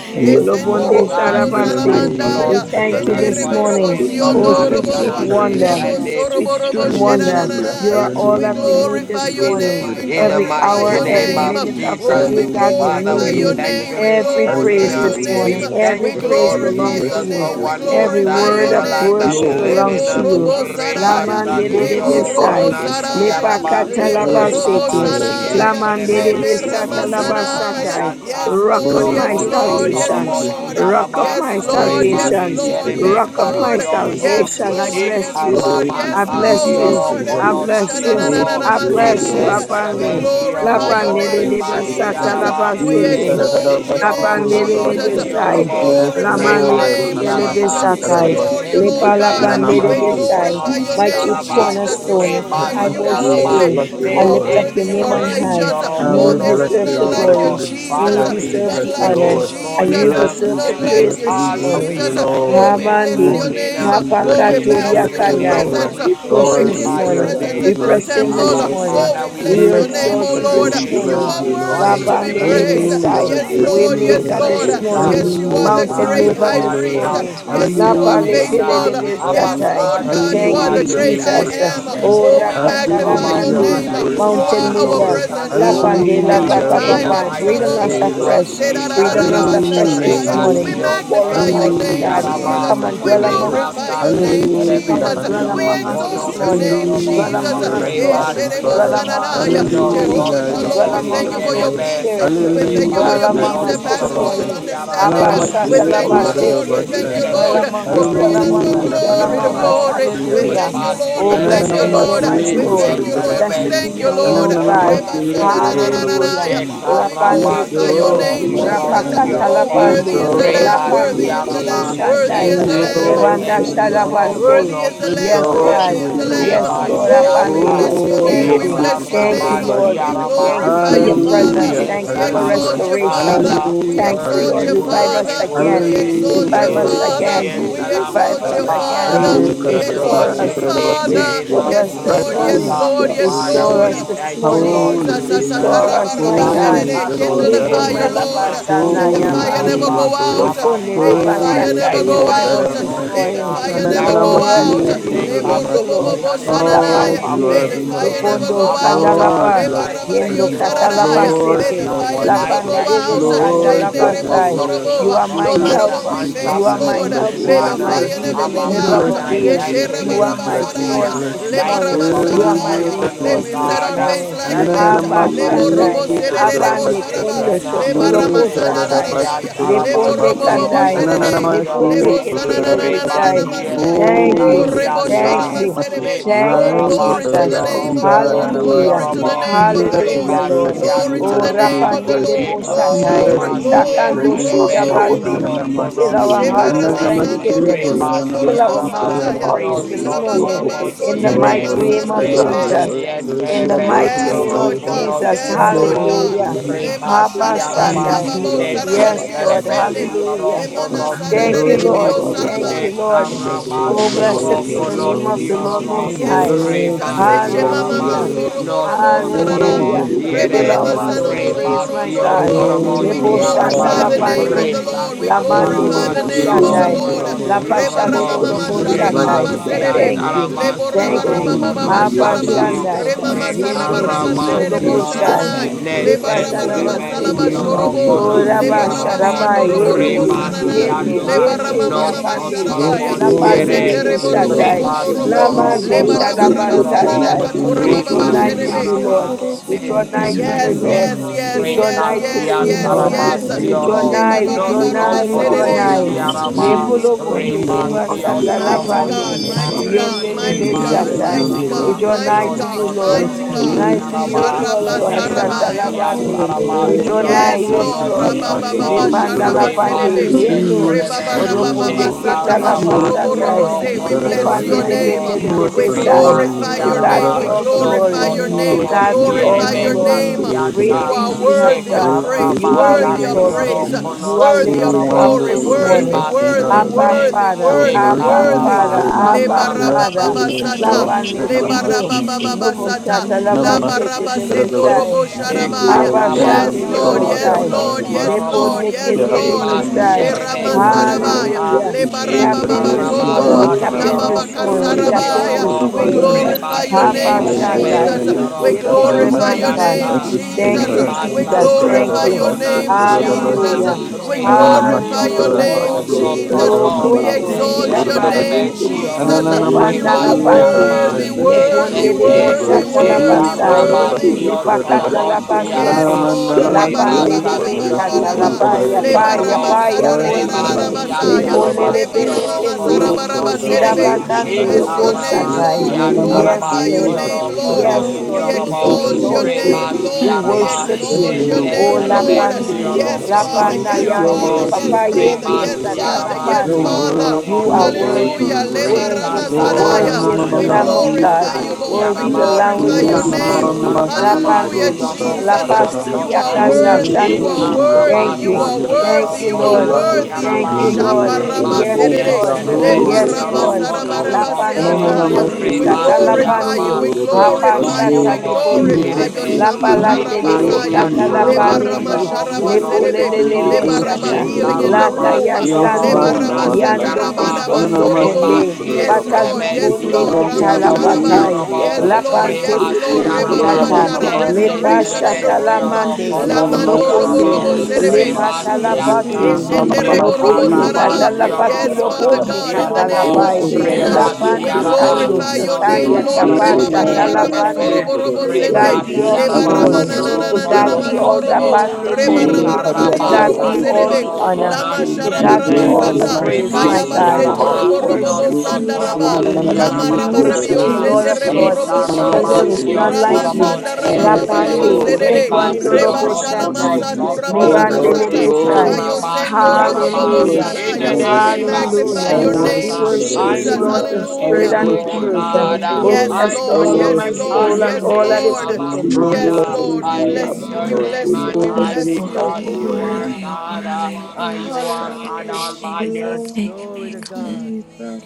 Thank we have ese hallelujah, Oh Lobonde God to God, you we name this sarabaste. thank you, so much, hallelujah, We Lord Mandaya, morning. thank you este Jesus, this hallelujah. for rebo your rebo morning. Praise Lord, wisdom, you, Oh, siondo sweet, knowledge, Lord, Hallelujah, and sweet roboa, Lord. wonder. praise hallelujah, you, understanding. Sweet, praise I Soroborobo sweet you, want the wonder. children. I hallelujah, Jesus. want You are Praise all that the we hallelujah. need you, Glorify this praise your Glory morning. name, to we In children. God. the Every glory. mighty hour, you, First, every name Hallelujah, your of the minute own of the next, life, Lord. Oh, we day, Jesus, God, we hallelujah, glory Father, need praise we you. your hallelujah, thank you name, we this Every glory Oh, that morning. praise uh, this Lord, hallelujah. name. that morning, we We Lord. every We thank you, worship praise you, Lord glorify we you. belongs to your Jesus, worship you. for name, you. we one Praise You're more Every glorify. worthy, time word in the of you, You're land you of are, the worship worthy. Lord, belongs living. we to Uh, you are, Leborobo you. You're worship you, done, Reba Saraya. we Lamande Lord. de de worship you satioro are. you, Leborobo we besai, You're kona worship done, you. Saraya. Thank siaraba, you. lepakata reba Leborobo Worship you, labasete, Jesus, Lord, basi Saraya. Jesus, worship you, lamande Jesus, enterebe de may worship souls, you, besata sioro be kona worship saved, may you. Sanaya. labasatai. souls, be saved. sianta, Yes, Rock of Lord, no yes, my Worship you, worship you, worship you, worship you, coso Lord, yes, in your worship salvation, torobo you. mighty Lord. name, rock in of your siaraba, my Lord, yes, reba salvation, Lord, yes, sierebe rock of mighty my name. casionto, salvation. I The bless Spirit you you, to Lord, Worship pour shikaraba yes, I out, Lord you, God. bless worship you, satioro Lord, yes, Yes, you. I kono Lord. bless you, Lord, Ruth siorobo, I yes, Ishananananamas- bless Lord, you, Jeruo yes, Apande, Lord. Glorify Namasikuria Neseterebesioro your lapande Bakuku. de de You are faithful, besata you are korebasiaraba. name, we Ee, faithful, labasete. you are tararara, exalt your faithful. name, Nesetioro basikoro, You Lapandele de are worthy, you besai. are konosiorobo worthy, Yes, Glorify your you Lamande are Lord. name. worthy, kundele you Hanamasi rebasiaraba. are worthy. besatai. Glory Tararabasi. your Lord. Lepa lapandele Neseterebesioro Ananamasi Glorify Jesus, besai. your Jesus, My chief name. glory konosiaraba to your You are cornerstone, name, and I I mighty. glory, You are worship glory, rebasiaraba. you. holy. bless the You I are glory, Lord. lift worthy. up your glory. And name I on see, high. Neseterebesioro and Oh, we You Glory, there bless deserve you, the glory, we bless glory, you, konosiorobo. glory. we is Jesus. You bless Father, you, we we deserve None bless the like thank you, glory. you honor. Lord. Take this it, We And praise you morning. Jesus. bless uh, Him, deserve you, the we Heavenly like praise bless you, we this Lord. Father, bless morning. you, Jesus. we thank you Oh, Lord. we this We Habande. bless Only morning. you, name. uh, seek we your bless We Oh, we you, we lift face up bless with your you, all Hapakatoriakanai. name time and Lord. We we before Oh, push we My that Lord, this you we glorify your bless your morning. you, God, hold. presence we We in name. uh, I bless this press temple. in you, this Abba, do Lord. morning. Oh, we Father, We we We bless your bless you, name, Oh, we exalt exalt oh bless you your you, Lord. this we name. You bless Uh, morning. Jesus, Jesus, are you, for worthy Jesus, Lord. to your be Lapandele name praised. is Hallelujah, besai. Jesus, we Yes, worthy bless to Jesus, you, Lord. be Yes, Waymaker Lord. Lord. Jesus, this praised. Uh, morning, Yes, you are oh Jesus, the Hallelujah, we Jesus. mountain God, bless great. you mover you, are this the Lord. Your Alpha morning. tools and Yes, la you the are Hallelujah, we purpose. paletele de Omega. full. glorify Abba, Yes, you. Lapaletelebestatai. Lord Father, God, you you Mm. Thank are you, are the the Hallelujah, we great I am. Jesus. beginning worship and you. Yes, Oh, the Oh, Lord. end. Uh, God. Abba, your Hallelujah, we Rapatalamande, name. Jesus, Father, uh, you You worship are Jesus, mountain are you, the mover. truth Jesus, Lord. an and la the la Jesus, helper. no Jesus. life. pande one la Uh, Thank pa pa Hallelujah, you, we pa in the pa can worship and Breathe on mighty Lord. us adore you, name Lord. let Oh, of the afresh. say da da name da Breathe Jesus, on da da. us uh, afresh Jesus, Hallelujah! bear this Reba no Jesus, morning. Hallelujah! Sion, Jesus, Pour in, Magnify Jesus. fruit your Dorobos, mighty name, Hallelujah! God. in life. Jesus, Jesus. Yaraba, Come Blessed and be We Jesus, the dwell Lord! among Reba us magnify glorify this your your Kase, name, name, Let morning. the Come Hallelujah! Terebe, Jesus. and dwell body magnify your We Sioro, among Hallelujah! us name. exalt this be a Konos, your morning. name, Thank you, fruitful Siorobo. Dwell Lord. Hallelujah! Jesus. You among are us, blessing. my Lord. shepherd; Yes, I Lord God, Yesherebo Dwell among Rebasianta, shall us you sananaya. not this are And let no worthy, the morning. Jehovah mercy Shalom, Dwell be that we in sotorobos you are among thank you we us, will worthy, for your be Holy want. you are worthy, yerebe, For peace. Spirit. you Hallelujah! Your throne, O are We worthy. thank you Lord, for faithful is Dwell your peace with. Worship among Rebasion us that you, this passes eternal; your worthy, all torobos you morning. are understanding. Abba yaraba, We Sada praised, O kingdom endures. Hallelujah! Your name thank is God. forever; you, Karoko, your Lord. We Shakalabaseti. Rebasien might thank you, You endures. Dwell Lord. are terebe, God, among us, you are dwell Bringing God, us of among Hallelujah! from us, sioroponos Sabanda me, you Your dwell glory to name among Sabada, are us. God, yorobo, glory. you are We God. thank Hallelujah. of you, me. Lord. We Oh, bless thank Thank you, the you, Rebasierebe, Lord, oh Lord Lord. my We God, Mesi, soul. thank you, thank Mesi, you, Lord. We desecherebe, Blessed Lord. be thank your you, name, Lord. O Mesi, God. Thank sioroponos you, is forever; yente, your Mesi, might Hallelujah. endures. Oh, we thank Lift Lapande Shekarabas glorify you, Lift up your Lord. God kendo. name, in your Jesus. yoroponos splendor, Rapakata Hallelujah, Oh, yorobo, glory lift worthy lapande. to is the your name, God Lamb, worthy in a Lapande glory is the to tipo Rebasiaraba, your glory, Lamb, worthy is name. shandai. the lift Lamb, God Levanda desecherebe, You are in a worthy, wisdom, you are shalabaste. worthy worthy, is sioroponos the Lamb, Yes, Rejoice yorobo, worthy God. is before in the his Lamb. you Yes, power. Lord, only boy. Oh, apande. Rebasianta, we bless your Oh, Thank name, how we you. much bless merciful your Thank the name, you, Lord Oh, Lord. is. Shekarabasiaraba, Thank you glorify for your you, secret Father. moment. presence. worthy Hallelujah, is Thank We you the for Lamb exalt of hallelujah, restoration. God, you, we hallelujah, Thank you, exalt worthy, Lord. you, hallelujah, Revive us worthy, again. we worthy, exalt you, Revive us hallelujah, Thank you, Father. worthy again. is We the Lord Lamb Revive of exalt us you, God. Jesus, again. Father. God, Jesus, Jesus, Hallelujah, We in the exalt Restore Karadabasi, you, mouth, us. bless majesty Karadabasi. Father. me name this We of Restore Yes, us cry, this Morning, Lord, yes, Jesus. oh holy, morning. uh, Lord, yes, God, holy, Father, Restore Lord. we us this holy, thank you, most morning. of Lord the Jesus, holy, sa- name Jesus, holy, of Restore uh, us, my Jesus that the God. holy is this plot the Jesus, of Lord kindle the the God morning, Jesus, Libunda enemy fire, Almighty. did Lord. Jesus. not Take come labasana Your to Holy, it mighty fire pass. in this never yamandi. name, uh. holy, your go out. holy, mighty Abba, Lokonde name, Father, I Fire holy is debasata. the never thank your go you Lord Revive God mighty us out. this name. this Almighty. I May morning. the morning. uh, thank fire you, Lord. never Thank I you go Oh, thank for out. you, Ananamasi, blessed be the sending Lord. name Lebo of the robo Kudododamasi. Lord. bobo confusion Thank in you, the Lord. camp Lord, sananaya. of you the Lapalene. May are the Thank you, fire enemy. sovereign. never go Lopondo Lord. Abba out. Lord, kandalapa. Father, you are I thank Yendo Rabario you, supreme. Lord sararaya. Thank you, Lord, May Jesus. Lord. you the katalapasete, are Uh, Thank fire you, I never wonderful. go thank you, out. Lord lapandedeveshanda thank Lord, you are Ende rebo. Jesus, you, for Lord. lapasai. glorious. plucking You us are We out my No bless of matter the what helper. you, we we Jesus, hands bless You of face, you, are Jesus, the we my Lord. bless wicked help. you, May You we Jesus, are the one. my Uh, bless fire you. wheel never in Jesus. the go Abba We middle out. of bless Your a Father, you, I we mighty wheel. Eshe thank bless name, you your you, You we are this mighty rabarabaraya. my bless name. you, morning. we Uh, source bless Thank you, this you. Leba thank Heavenly morning. you for Eh, You Father. my are We my rabasararaya. Thank bless husband, you, May oh we you. resource we bless set this God. our you. Uh, face morning. like Thank thank you flint. you for for your my Lebo Ananamasi, fear Abashandai, and robo children and love, sererebo. abande Kudododabasata. kundo grandchildren. Uh, Leba Thank you rama. Ye, shatolopo for covering shatai, Rebasti and Karadabasi, your patience. Lebo leponde Alabasti, robo Kudododabasi. Father. bobo kandai, sherere. leponde Lebo Ananamasi, Orobono, Father, sananana. Kudododabasi. ketelevesai. Rebasia thank de you. I saya, Oh, Thank Oh, you, Thank you rebo Lord, thank and shona Besasianta, for I'm you, the happy. serebe. ancient thank Oh, Rise you, with days. glory our to Jesus. Shekarabasio the name laughing of the God, and Lord. You I'm were Hallelujah. Glory happy. to the worthy, Roconosio, We name of the bless you, worthy, Lord. we Hallelujah, worthy. bless Lord. you, Rebasian we Glory to Oh, the bless you, name we Araba, bless Rapande of the de you. Lord. We Boshatai, bless Glory, you, we Almighty, Shekarabasien bless glory, Takando you I you, we are Shida Thank you bless glory. you, our and Terebesio for Bande. I'm creating Fill us, happy. Lord. our inspiring hearts And with I'm Roconosio, Thank Shando happy, you, thanksgiving. robo oh, no, thank no, you, no, sondo I'm Fill our robo happy, oh, mouths no, Rebasiaraba, I'm with saya. Father, happy. praise this we Ba lift thank ba you you, up morning. Lord. In You the sonda are Nosotorobosiere, mighty worthy, name Your mighty of name Lord, God, be you retore. Jesus. are Rebasien exalted, worthy, you In bless the are this Jesus. worthy, you mighty Terebesio are Yes, name morning, of Lord. Thank worthy. Father Jesus. You God, Yes. are Roconosio, in worthy, Hallelujah. you are worthy, Lema Jesus. you are sharaba. If Rebasiaraba, Habashandai. you worthy. Yababo will our sarabari Yes, God Lord. biose. Almighty, Neseterebesio Hallelujah. we are You Anasada Thank you, rere. you, sorcerers, worthy, Lord. Roconosionto. you Father worthy, you Thank saraba. worthy, God, you, Lord. we Jesus, are you Oh, God worthy, you Jesus, blessed be the Almighty, Jesus, I name of worthy. the Jesus. thank Lord you, You are You Shekarabasiorokonosioromo, Most High. worthy, worthy. you God, worthy, You you Rebasiarama, that Hallelujah. worthy. are we worthy. are Oh, not Hallelujah. great so Worthy. good at Fill Nosotoromosiere, our this, God, you mouths are with no no worthy. praise, no no my no but God. Worthy. Jesus, You We are Worthy. You are Lebo Oh, great glory worthy. shanda God, you la You Rebasiontoromosiarama, are are Jesus, pandi. worthy. the worthy. Lord, we Hallelujah. La glory bande Oh, do Oh, the bo great name of Christ, the Holy shandai. God, Hallelujah. no you Father, are good, La Lord. Jesus. worthy. we pashale no lo Rekasatarabasioorokonosioromo, good, lo thank bo seek you, it. Hallelujah, shatai. mighty we Hallelujah. God, honor for Thank you. you. pulling You us are out Thank of you. the worthy. miry Hallelujah, Jesus. Haba we Rebasiantarabasiorokonosoto, clay, worship shandai. you. about Jesus, Yendo Hallelujah. Jesus, this Father, suto lo Jesus. thank bo Hallelujah, and you, Shekarabasioro, shai. set we You are Jesus. Lipa glorify worthy. you. We taraba Worthy. sete. Hallelujah, we Worthy. Worthy. O magnify raba you. Worthy. Neseferebesiorokonosioromo, Hallelujah. sharaba yendo. Jesus. Worthy. Hallelujah, Yendo. we Rebasianta, Yende Oh, no ya Hallelujah. son pande. Jesus, Yes, La Jesus, Lord, pande Jesus, tolomosiere, yes, lebe Jesus, Lord. Hallelujah. satai. Jesus, Jesus. Namaste. remasioro Jesus, Lamande Hallelujah. conosioromo, Shalabasatai. Jesus. Namaste. We Jesus. draw nigh to Jesus, you, Hallelujah. oh, Kororobasi. Lord. remasiarama, por We como draw lese nigh to consigo you, Yes, Hallelujah, Lord. pereme, negar Hallelujah. We yes, draw hallelujah. yes. Jesus. loco nigh to esse We you, Lord. ela que Magnify te We the yes. draw Lord. Hallelujah. retasiantaramasioro, nigh, matou. we no Jesus. draw son nigh, we glorify draw your Bless Hallelujah. Sedede, Jesus, his nigh. name, holy Jesus, name. tolomosiarama, Holy Jesus, Lepulo Thank Hallelujah. you, bonde, Lord. Jesus. remasion lebasata Unlimited you're Yes, Hallelujah. worthy, lapande. you're mighty tolomosiere, worthy, Father. God, Yende you're Hallelujah. mighty lebe We worthy, Jesus. bless you're your satai. you, worthy, you're We name, God, remasiarama, God, draw mighty nigh no Lord. and worthy. to you, Lord. Oh, glorify You're God. your Nigh praise, to Hallelujah. Hallelujah. name. worthy, praise you, be sotoromosiaraba, Sharab, Lord, praise, Jesus. to That you're lebasata worthy, God. Hallelujah. you're you And are worthy, the lapande. you're We the draw worthy, righteous, Lord is God, nigh, recasiantarabasioro Hallelujah, you're yes. good. yes, worthy. Jesus. Lord. Namaste. the conocionto, Rabababa, Holy Hallelujah. Lepanda One Kororobasi. of lapande, Ooh, We Israel. Hallelujah, yendo. worship and You rebasienterebe, adore Jesus. Rebaba, you, Oroponde Jesus, Lord. you're keta Glory. are worthy, We you're lapasatai. Glory, worthy, shekarabasioro to you're We Jesus. bless worthy, you're Shikadadabasi. your Lepandele name. conociorobo, We the worthy, pendele Hallelujah. de Lord worship We and God, Besai. you're adore you. glorify To your worthy, I Glory, God to name. rebasiaraba, be We all worship the Jesus. Kadadadabasi. no you, glorify you're glory. God, your We worthy. To Hallelujah. name. We worship God you. be all glorify the sotoromosierebe your Nananamasi. glory. name. Hallelujah, Great You Jesus. casianta, Kurudabasi. are things you Yes, have worthy Lord of Hallelujah. done. praise, You God, Worship you. are worthy of praise, exalted. shekarabasatioro Hallelujah. Kurudabasi. You are Jesus, You worthy of lifted up conociorobo, glory, Hallelujah. this wonderful thank you, worthy, morning. Lord, everlasting worthy, God. thank Abba you, rebasiente, Hallelujah, worthy, Father, Your Lord God, worthy, Jesus. words Abba to thank be worthy. you, Father, praised. Lord. Abba shekarabasata, Hallelujah, Yes, I Father. Jesus. Rabababasata, Thank Lapane need Hallelujah. you, I kendo. a thank Lobo you, I lebarabababasata. shata thank Hallelujah, Namaste, you, labaste I de Jesus. Rabasendo yeah, thank you, Besai. robo Che sharabaya. Hallelujah, Yes, Thank Abashande you, Jesus. Lord. Lord, carabasioro for Yes, Loboshai. being Lord. Hallelujah. Yes, human. Lepo So Lord. conosiorobo, Nikende for Give thank Lord. you, me them Hallelujah. and Lord, for the rebasiere me the Sherama God that sarab. you abundantly Hallelujah, Nigerian are, above for casata. Hallelujah. Jesus. the we free Che can Tap love. ask and in Lebarababa living this that in the morning. Hallelujah. We name you God, sondoa. tap in are, carabasatioro this Hanamasti, morning. We Hallelujah, Kuriyamasti, tap of Jesus. in Jesus. Sarabaya. this You conosiorobo, We are the morning. Kurubasti, I glorify Rabakatata. your Jesus, name. am. Oh, rebasienterebe hallelujah, Habashandai. Jesus, Rakuyaburani, Lord, You we sioro are we Lepo thank it. glorify you. There your Katanamasti, is hallelujah, Thank name, no our conosianta. you. one Thank Jesus. Jesus, My above you, you. sustainer, We There God, is hallelujah, Jesus. we Thank no glorify Rebasatioro thank you. your one. you for Itokarabasti, There name, is and you do. no it. Jesus. hallelujah, conasieraba, one. Kurabasti, We Hallelujah. we There is We do exalt it. no you, one. glorify Ananamasti, There your We is rebasioro Hallelujah, Jesus, no name, Lord. one. glory, Jesus. Kurahat, conosotorobo. You We bow, Lokondo are the Father exalt glory, your beginning. God. Shedaba Neseterebe name, You Jesus, And Yendo. are the Jesus. sioro we glory, end. You You worship Lepanda are Ananamasti, are the in thou her Lapande. God. correbasiaraba. worthy, friend glory, mighty God. Mexico, worthy, Leponde We Jesus, You are almost Nesete the yes, Sedanabara, worthy, Deboshata God. yes, glory, You yes, worthy, are yes. Labasai. God. The worthy. Korodabasti, You glory, are God. Shekarabasion You are only Lepakata God, La Korodabasti, Torobos the God. glory, only Yes, basete. You Yaraba are Lord. God, La God. Rabarabashara, we glory, are pande Anamanamasti, de for Rebasatioro bekata You miracle glory, are protected. lapaya And worthy, work, Lord. paya we lift Conosiorobo You glory, are paya paya up Oh, worthy. thy pone. You God are Adamasi, glory, Rebasian for lebararararabasaya, Jesus, worthy. Lepole yourself. Korodorabasi. glory, lebele Tarabasioro Oh, pende. You are Conosoto glory, We worthy. You Korodorabasi, almost can Shidabakande yes, offer glory, yes, my yes, Kadadabasi. yes, praise, lobosatai. yes, and Lord, we Shikarabasian you are yes. glory, Yes, glorify worthy. your Ananamasi, We Lord. bow, Tarabasioro name, Worship you, Jehovah Lord. Yes, Lord. worthy. We Lord. We We Conosiorobo yes, yes, Praise Jehovah exalt Lord, your you. exalt yes, you. name, Mm, yes. We Lord. Jehovah We We Lord. Rebasiaraba Magnify worship bow, you, you. no, exalt Jehovah your no, Oh magnify name, no, your la no. Saturday, Lord. holy pande, glory, We name. Neseterebesioro Jehovah Yes, bow, la yes, Father. Messiah. So panda yes, Your thankful, glory, yande. I'm yes, word, Conosiorobo Yes, yes, your Papa so yes, Jesus, word, yes yendo thankful, your I'm Rebasi word. glory. sata so la Father. in thankful. Yes, the Your pande. name Arabasion of Father. word, You are your Jesus. Glory word, Torobotiere, worthy. your Hallelujah. Oh, to word. that Worthy. Jesus, We glory. may rekasa this come be Lord, the Father, In Lebaramasadaya. we Worthy is the the start We name surrender of Tarabasio of all Lamb of Ananamasi, to glorify many, you, God. you, Lord. Jesus, Roconasi Lord. We Worthy Korodorabasi. the Jesus, Nothing Araba, that glory. Lamb glorify will which God, was your your become name. to slain. name this Ramasa Glory them. Ananamasi, Hallelujah. to morning, I that Rapande, Tarabasio Seek your Korodorabasi, glory. Jesus, Rocono face, that you will Lapasturia are Kadadabasi. have Soto, Kanda worthy. Glory glorify You Sande. are salvation. your to Hallelujah, that worthy. Father. Thank You you. glory. Chicarabasa are They hallelujah. will be Thank worthy. You you, In are the saved, Lord. Lord Tioroconasi Glory worthy. rising of Thank God. the to Araba, you, They will Shabbat that Lord. Hallelujah, sun, know in the glory. you. Yes, Rebasi hallelujah. going and Lord. They down will of the Glory, trust Yes, in sun, Terebesio Glory glory, you, to Lord. Lord that God. Rocono you glory. are of Lapande, Thank Soto, worthy, you, the Ananana glory. Loponde, Lord masti, thank you, We is to Rebasi kodaya thank be. you, glorify Satalapande, you, Araba, we Glory thank you. to Hapa The that makutu, glorify you, glory. Shata we name of the Nosotorobos he is Leponde, my glorify Lord your Yerebe, is Glory to shama. country. be Glory, Lapalate de There is to glory, exalted that Recasian none, Pecata in all glory, Lord, glory. Leba and those I glory, things. Lapalene, must Tarabasioro be. glory, that glory, Glory sharabasere are glory, There Lepolele in Conosoto, to is that glory, raba, your abundance, Beshata, in glory. word healing all in the glory. over. Lata things, room. We'll Shekarabasioro Yastando, Leba Glory, find Glory, no in other all glory, Jesus, rabasata like things, Yando you you. are in Conasiaraba, all And glory, then I Cosondo worthy. must be rabasoroboa. Conde, for the You Yes, Rebasien other are must Lord, be. worthy. glory, yes, and Pataliponde lifted Lord, glory. Terebesioro And Glory, up then I Ketala Ramash. must be Jesus, patai. in for the Yes, Conosiorobo, other must Lord, glory, be. Lapante tete Lord, Oh, for Reba glory, the Rebasiaraba, Baba other potata. Yes, mama Shara, Lord Jesus, must Nese restore. be Lepa God. for the other glory. must be. Terebesioro shatalamande. Thank And you, Thank then you, I Lord Lamando God. must be Robo Loponde. Jesus, Conosiorobo, for the Yes, glory, other Serebe, must yes, be Lepata for yes, yes. the Rebasianta, glory, lapate. May mama Ende your mama will Rebo must be Robo, be Loponde for done, Lord Jesus, the other your God. must glory, be Shekarabasioro katalapati for Father, the in God. other. loponde the glory, name of Conosiorobo, Oh, for katalapai. the Father other God, glory, Jesus, Yes, must you Lord are we the Lapande be God. for the kando Rebasiaraba, other building glorify of Jesus, your no must be. name, sakaya son troubled glory, Lord. Jesus, tapa torobo Reba waters, si my Baraba. God. Namaste, shatalapande. enterebe, Sorobo glory, robo Kurada To God sende. glory, reta Namaste, be si all Delegate the Leba Jesus, and the araba Jesus, glory. si na Jesus, Namaste, na oro To na Almighty Jesus. na glory, God Kuria God. May cono be your all will the Namaste, be masorobo. soto, done. pande Lord May Reba your che Ye Through ponde. raba will your Jesus, raba be Karia To Father taraba done. God May yorobo Namaste, sa be God. your glory, si all will serebe. be the oro Kurada honor. And Namaste, cona Lama glory. Enter To Ye sharaba your God be raba siente, gates all the the sata. Glory, to done. praise, reba Namaste, my Yes, Kayaba si Jesus, thanksgiving in God. Lord. Kurada our seto Yes, hearts, We araba, robo Namaste, robo glory, no worship Lord, Almighty Ye the son God. sanda King of yes, glory, raba. torobo Lord si Kings. Give God. us to Lama Namaste, We araba raba Kurada Jesus, worship rebio strength the sata, Namaste, Lord sende of Jesus, to glory, rebo and che Lords, robo Jesus, and Namaste, taraba there shorobo. Jesus, is si Kuria glory, to none on like Rama Jesus, Namaste, you. torobo sanda Jesus, si Jesus, and raba baba. the Jesus, Jesus, erebe, glory, Rapande, Lord, I Erere. be, reba si O glorify lepandolo Jesus, Reba glory, you. oro God, to shalama and cono we boshatai, Jesus, bless Jesus. sakura your Oh soto, baraba. lebande God, glory, you master's che Lord, lebesai. name. I Kayo glory, Jesus, taraba worship si sendo you, Lord. Jesus, robo to araba, I bobo Hallelujah. Jesus, worship Jesus, in you, saraya. the I Jesus, We worship name glory, you, of Jesus, I Hallelujah. glory, Jesus, We name Jesus, worship uh, to worship you, I Jesus. you, Jesus. Lord, in Jesus, Lord. I worship spirit you, glory, and Hallelujah. You're in worship oh and truth. worthy, you're God. exalt you, uh, Oh, worthy, Yes, Lord. you're bless I the I glory, Lord. Lord, oh Yes, to my worship and worthy, glorify Lord. you're soul, Jesus, bless and your your worthy. all that name, holy is name. Abba within Oh, me. Yes, Father. blessed Lord, glory, is we I thy to bless lift name, O you, your we Jesus, Lord. glory, name bless you, on we glory, Blessed high Yes, bless is to Lord, thy you. you're because you holy Jesus, are worthy, name. you're God uh, worthy, you're and worthy. you are God Hallelujah, all by Jesus. yourself. glory, Make Glory me to clean. God. Jesus.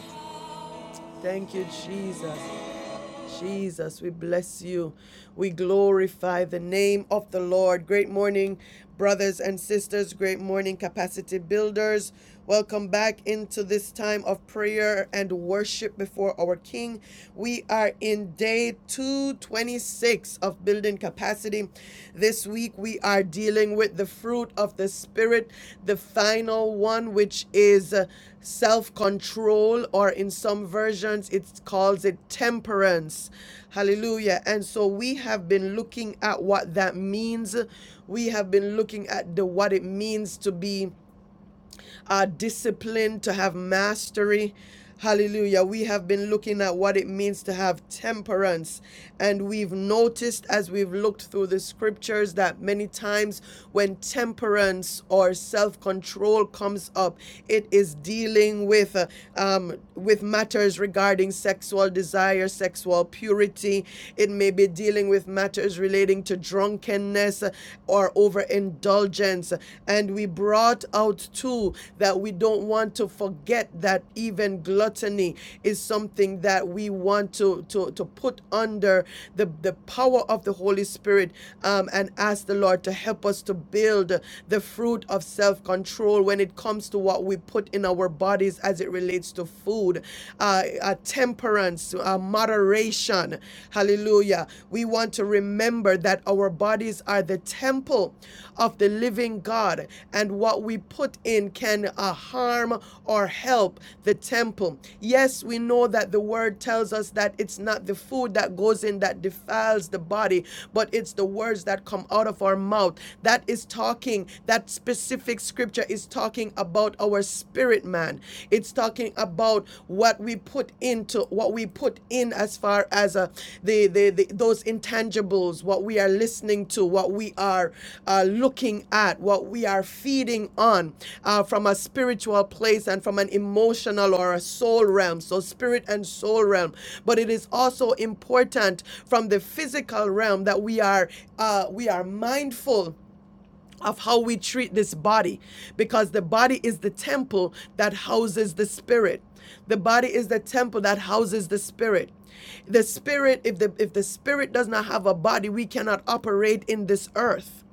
Thank you, Jesus. Jesus, we bless you. We glorify the name of the Lord. Great morning, brothers and sisters. Great morning, capacity builders. Welcome back into this time of prayer and worship before our King. We are in day 226 of building capacity. This week we are dealing with the fruit of the Spirit, the final one, which is self control, or in some versions it calls it temperance. Hallelujah. And so we have been looking at what that means. We have been looking at the what it means to be uh, discipline, to have mastery. Hallelujah. We have been looking at what it means to have temperance. And we've noticed as we've looked through the scriptures that many times when temperance or self control comes up, it is dealing with, uh, um, with matters regarding sexual desire, sexual purity. It may be dealing with matters relating to drunkenness laziness or overindulgence. And we brought out too that we don't want to forget that even gluttony is something that we want to, to, to put under the, the power of the Holy Spirit um, and ask the Lord to help us to build the fruit of self control when it comes to what we put in our bodies as it relates to food, uh, uh, temperance, uh, moderation adoration. Hallelujah. We want to remember that our bodies are the temple of the living God, and what we put in can uh, harm or help the temple. Yes, we know that the word tells us that it's not the food that goes in that defiles the body, but it's the words that come out of our mouth. That is talking, that specific scripture is talking about our spirit spirit man. It's talking about what we put into what we put in as far as uh, the, the the those intangibles, what we are listening to, what we are uh, looking at, what we are feeding on uh, from a spiritual place and from an emotional or a soul realm. So spirit and soul realm. But it is also important from the physical realm that we are uh, we are mindful of how we treat this body because the body is the temple that houses the spirit the body is the temple that houses the spirit the spirit if the if the spirit does not have a body we cannot operate in this earth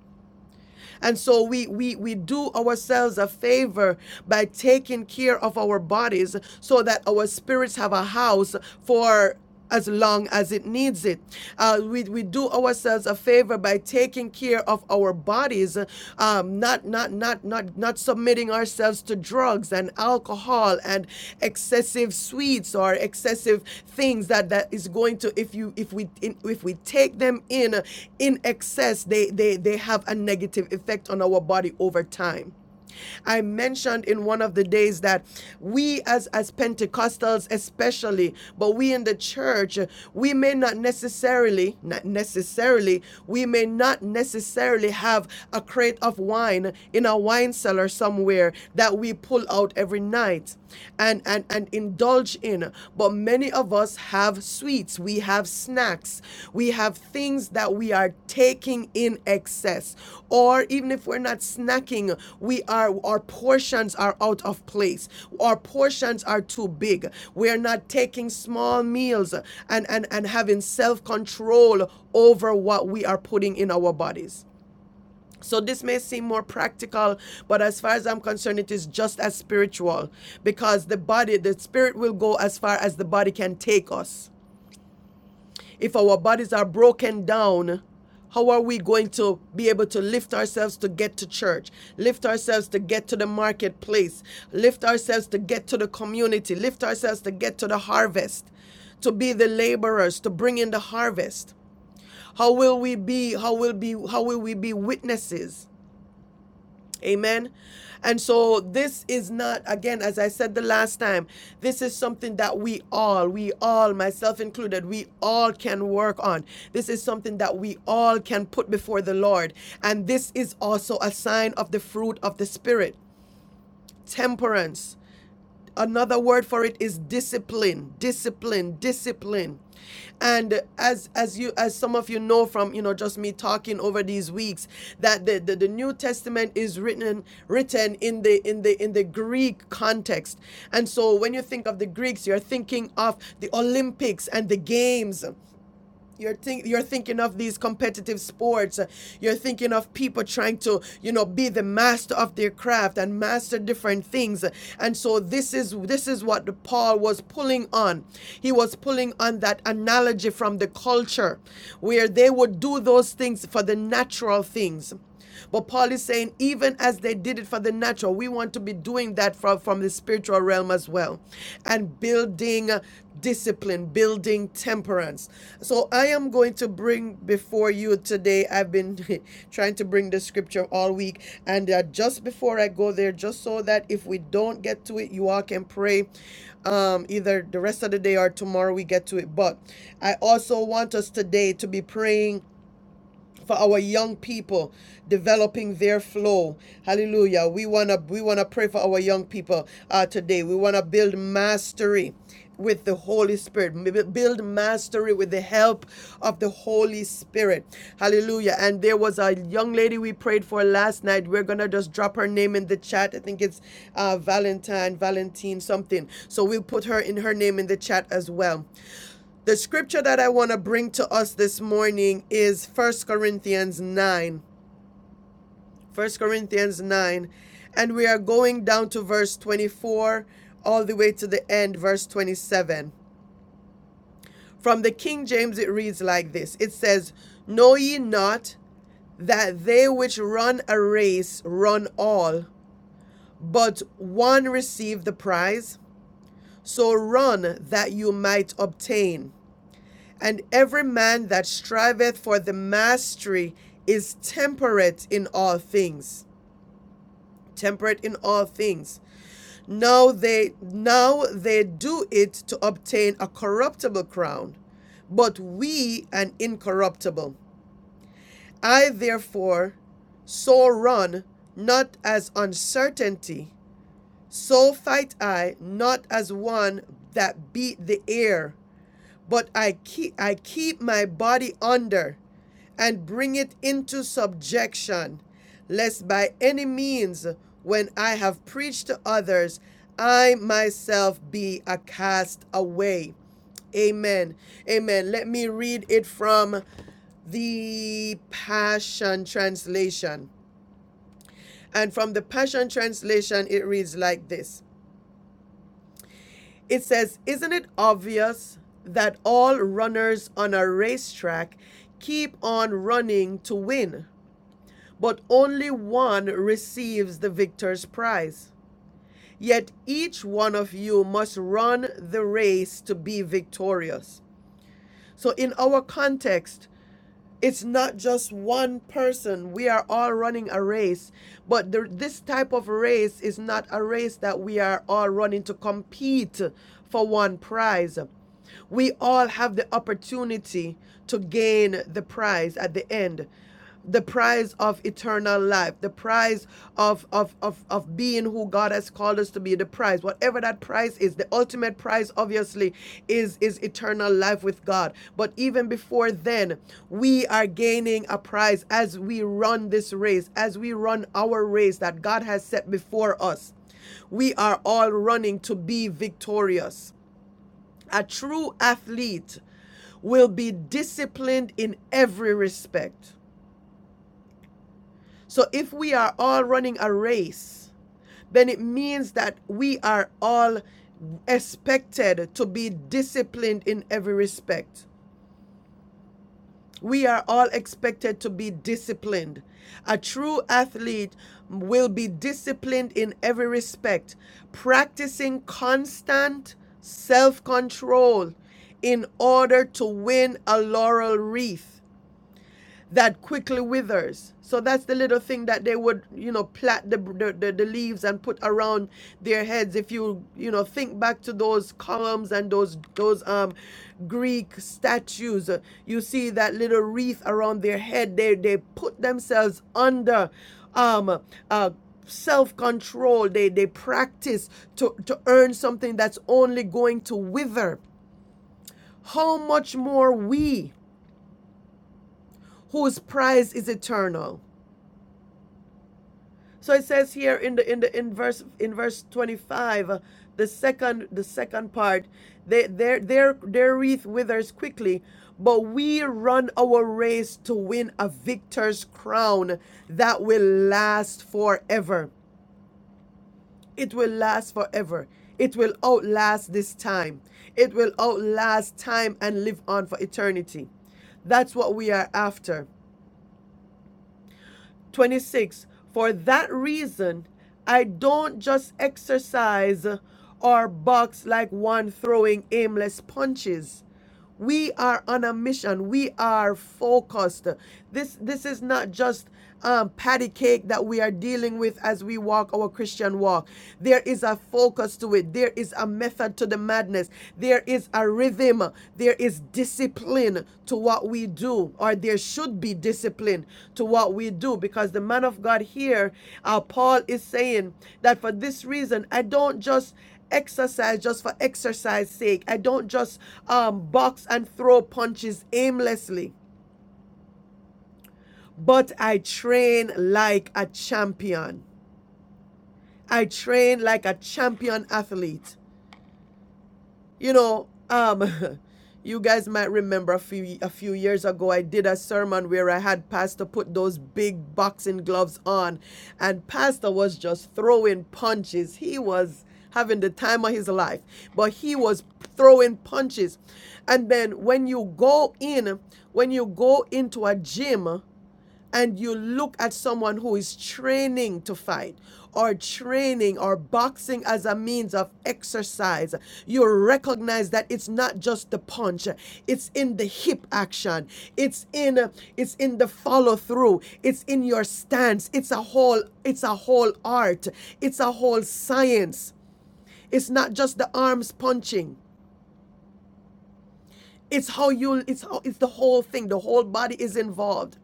and so we we we do ourselves a favor by taking care of our bodies so that our spirits have a house for as long as it needs it. Uh, we, we do ourselves a favor by taking care of our bodies, um, not, not, not, not, not submitting ourselves to drugs and alcohol and excessive sweets or excessive things that, that is going to if you if we in, if we take them in uh, in excess, they they they have a negative effect on our body over time. I mentioned in one of the days that we as as Pentecostals especially, but we in the church, we may not necessarily, not necessarily, we may not necessarily have a crate of wine in a wine cellar somewhere that we pull out every night and and and indulge in but many of us have sweets we have snacks we have things that we are taking in excess or even if we're not snacking we are our portions are out of place our portions are too big we're not taking small meals and and and having self control over what we are putting in our bodies so this may seem more practical, but as far as I'm concerned, it is just as spiritual because the body, the spirit will go as far as the body can take us. If our bodies are broken down, how are we going to be able to lift ourselves to get to church, lift ourselves to get to the marketplace, lift ourselves to get to the community, lift ourselves to get to the harvest, to be the laborers, to bring in the harvest? How will we be how will be how will we be witnesses? Amen. And so this is not, again, as I said the last time, this is something that we all, we all, myself included, we all can work on. This is something that we all can put before the Lord. And this is also a sign of the fruit of the Spirit temperance another word for it is discipline discipline discipline and as as you as some of you know from you know just me talking over these weeks that the, the, the new testament is written written in the in the in the greek context and so when you think of the greeks you're thinking of the olympics and the games you're think you're thinking of these competitive sports. You're thinking of people trying to, you know, be the master of their craft and master different things. And so this is this is what Paul was pulling on. He was pulling on that analogy from the culture where they would do those things for the natural things. But Paul is saying, even as they did it for the natural, we want to be doing that from, from the spiritual realm as well and building uh, discipline, building temperance. So I am going to bring before you today, I've been trying to bring the scripture all week. And uh, just before I go there, just so that if we don't get to it, you all can pray um, either the rest of the day or tomorrow we get to it. But I also want us today to be praying for our young people developing their flow. Hallelujah. We want to we want to pray for our young people uh, today. We want to build mastery with the Holy Spirit. Build mastery with the help of the Holy Spirit. Hallelujah. And there was a young lady we prayed for last night. We're going to just drop her name in the chat. I think it's uh, Valentine, Valentine something. So we'll put her in her name in the chat as well. The scripture that I want to bring to us this morning is First Corinthians 9. 1 Corinthians 9. And we are going down to verse 24 all the way to the end, verse 27. From the King James, it reads like this It says, Know ye not that they which run a race run all, but one receive the prize? So run that you might obtain. And every man that striveth for the mastery is temperate in all things. Temperate in all things. Now they now they do it to obtain a corruptible crown, but we an incorruptible. I therefore so run, not as uncertainty, so fight I, not as one that beat the air, but I keep I keep my body under and bring it into subjection, lest by any means when I have preached to others, I myself be a castaway. Amen. Amen. Let me read it from the Passion Translation. And from the Passion Translation, it reads like this It says, Isn't it obvious that all runners on a racetrack keep on running to win, but only one receives the victor's prize? Yet each one of you must run the race to be victorious. So, in our context, it's not just one person. We are all running a race, but the, this type of race is not a race that we are all running to compete for one prize. We all have the opportunity to gain the prize at the end the prize of eternal life, the prize of, of, of, of being who God has called us to be, the prize, whatever that prize is, the ultimate prize obviously is, is eternal life with God. But even before then, we are gaining a prize as we run this race, as we run our race that God has set before us. We are all running to be victorious. A true athlete will be disciplined in every respect so if we are all running a race, then it means that we are all expected to be disciplined in every respect. We are all expected to be disciplined. A true athlete will be disciplined in every respect, practicing constant self control in order to win a laurel wreath that quickly withers. So that's the little thing that they would, you know, plait the, the, the, leaves and put around their heads. If you, you know, think back to those columns and those those um Greek statues, uh, you see that little wreath around their head. They they put themselves under um uh self-control. They they practice to to earn something that's only going to wither. How much more we whose prize is eternal So it says here in the in the in verse in verse 25, uh, the second the second part, they their their their wreath withers quickly, but we run our race to win a victor's crown that will last forever. It will last forever. It will outlast this time. It will outlast time and live on for eternity. That's what we are after. 26 For that reason, I don't just exercise or box like one throwing aimless punches. We are on a mission. We are focused. This this is not just um, patty cake that we are dealing with as we walk our Christian walk. There is a focus to it. There is a method to the madness. There is a rhythm. There is discipline to what we do, or there should be discipline to what we do, because the man of God here, uh, Paul, is saying that for this reason, I don't just exercise just for exercise sake. I don't just um, box and throw punches aimlessly, but I train like a champion. I train like a champion athlete. You know, um, you guys might remember a few a few years ago I did a sermon where I had Pastor put those big boxing gloves on, and Pastor was just throwing punches. He was having the time of his life, but he was throwing punches. And then when you go in, when you go into a gym, and you look at someone who is training to fight or training or boxing as a means of exercise, you recognize that it's not just the punch, it's in the hip action, it's in it's in the follow through, it's in your stance, it's a whole it's a whole art, it's a whole science. It's not just the arms punching. It's how you it's how it's the whole thing. The whole body is involved.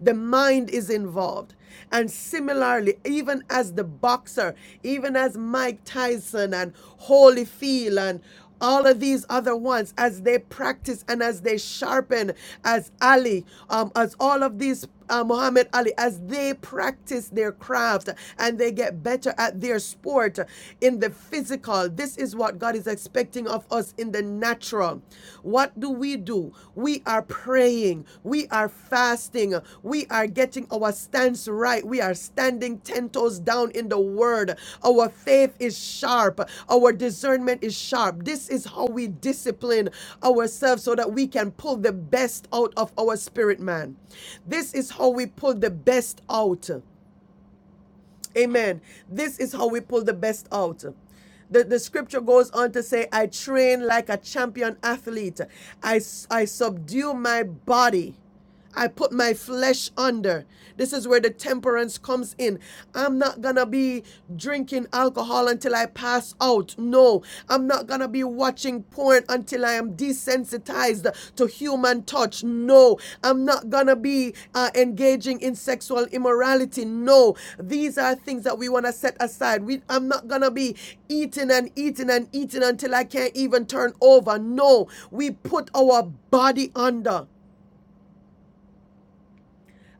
The mind is involved. And similarly, even as the boxer, even as Mike Tyson and Holyfield and all of these other ones, as they practice and as they sharpen, as Ali, um, as all of these uh, Muhammad Ali as they practice their craft and they get better at their sport in the physical. This is what God is expecting of us in the natural. What do we do? We are praying, we are fasting, we are getting our our stance right. We are standing 10 toes down in the word. Our faith is sharp. Our discernment is sharp. This is how we discipline ourselves so that we can pull the best out of our spirit man. This is how we pull the best out. Amen. This is how we pull the best out. The, the scripture goes on to say, I train like a champion athlete. I I subdue my body. I put my flesh under. This is where the temperance comes in. I'm not going to be drinking alcohol until I pass out. No, I'm not gonna be watching porn until I am desensitized to human touch. No, I'm not gonna be uh, engaging in sexual immorality. No, these are things that we wanna set aside. We, I'm not gonna be eating and eating and eating until I can't even turn over. No, we put our body under.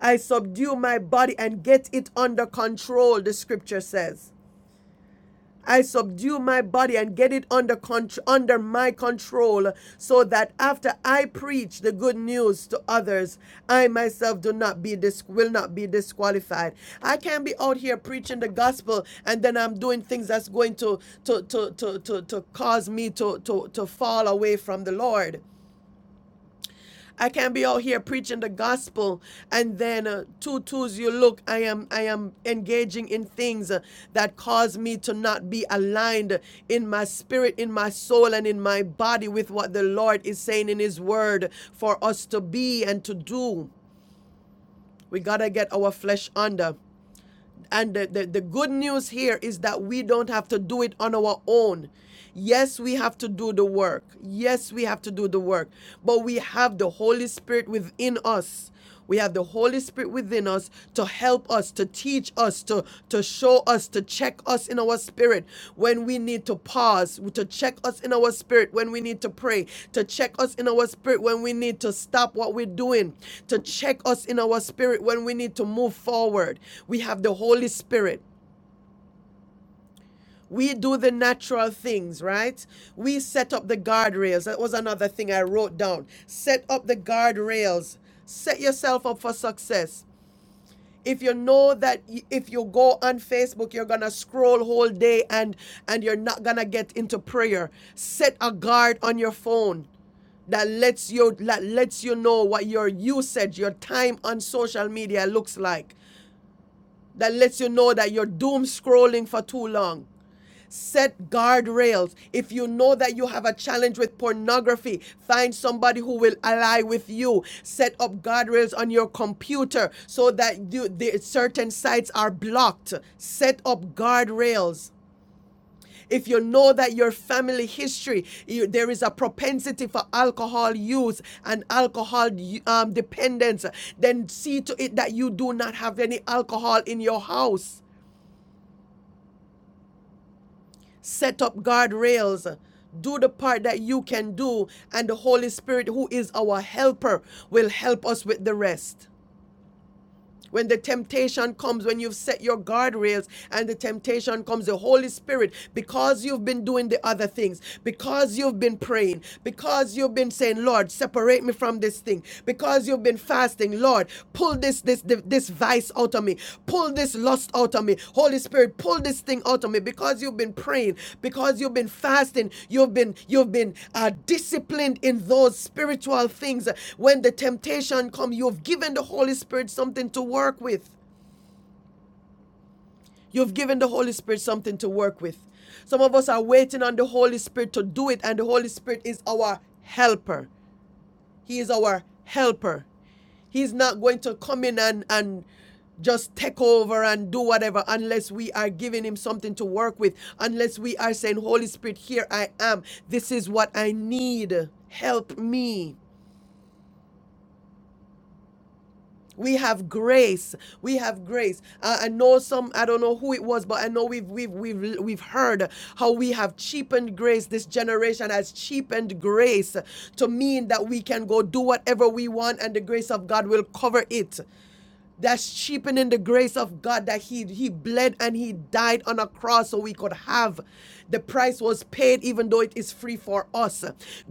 I subdue my body and get it under control, the scripture says. I subdue my body and get it under contr- under my control so that after I preach the good news to others, I myself do not be dis- will not be disqualified. I can't be out here preaching the gospel and then I'm doing things that's going to to to to to, to cause me to, to to fall away from the Lord. I can't be out here preaching the gospel and then uh, two twos you look I am I am engaging in things uh, that cause me to not be aligned in my spirit in my soul and in my body with what the Lord is saying in his word for us to be and to do we got to get our flesh under and the, the, the good news here is that we don't have to do it on our own. Yes, we have to do the work. Yes, we have to do the work. But we have the Holy Spirit within us. We have the Holy Spirit within us to help us, to teach us, to, to show us, to check us in our spirit when we need to pause, to check us in our spirit when we need to pray, to check us in our spirit when we need to stop what we're doing, to check us in our spirit when we need to move forward. We have the Holy Spirit. We do the natural things, right? We set up the guardrails. That was another thing I wrote down. Set up the guardrails. Set yourself up for success if you know that if you go on facebook you're gonna scroll whole day and and you're not gonna get into prayer set a guard on your phone that lets you that lets you know what your usage your time on social media looks like that lets you know that you're doom scrolling for too long Set guardrails. If you know that you have a challenge with pornography, find somebody who will ally with you. Set up guardrails on your computer so that you, the certain sites are blocked. Set up guardrails. If you know that your family history, you, there is a propensity for alcohol use and alcohol um, dependence, then see to it that you do not have any alcohol in your house. set up guardrails do the part that you can do and the holy spirit who is our helper will help us with the rest when the temptation comes when you've set your guardrails and the temptation comes the holy spirit because you've been doing the other things because you've been praying because you've been saying lord separate me from this thing because you've been fasting lord pull this this this, this vice out of me. Pull this lust out of me. Holy Spirit, pull this thing out of me because you've been praying, because you've been fasting, you've been you've been uh, disciplined in those spiritual things. When the temptation comes, you've given the Holy Spirit something to work with. You've given the Holy Spirit something to work with. Some of us are waiting on the Holy Spirit to do it, and the Holy Spirit is our helper. He is our helper. He's not going to come in and, and just take over and do whatever unless we are giving him something to work with, unless we are saying, Holy Spirit, here I am. This is what I need. Help me. We have grace. We have grace. Uh, I know some. I don't know who it was, but I know we've we've we've we've heard how we have cheapened grace. This generation has cheapened grace to mean that we can go do whatever we want, and the grace of God will cover it that's cheapening the grace of God that he he bled and he died on a cross so we could have the price was paid even though it is free for us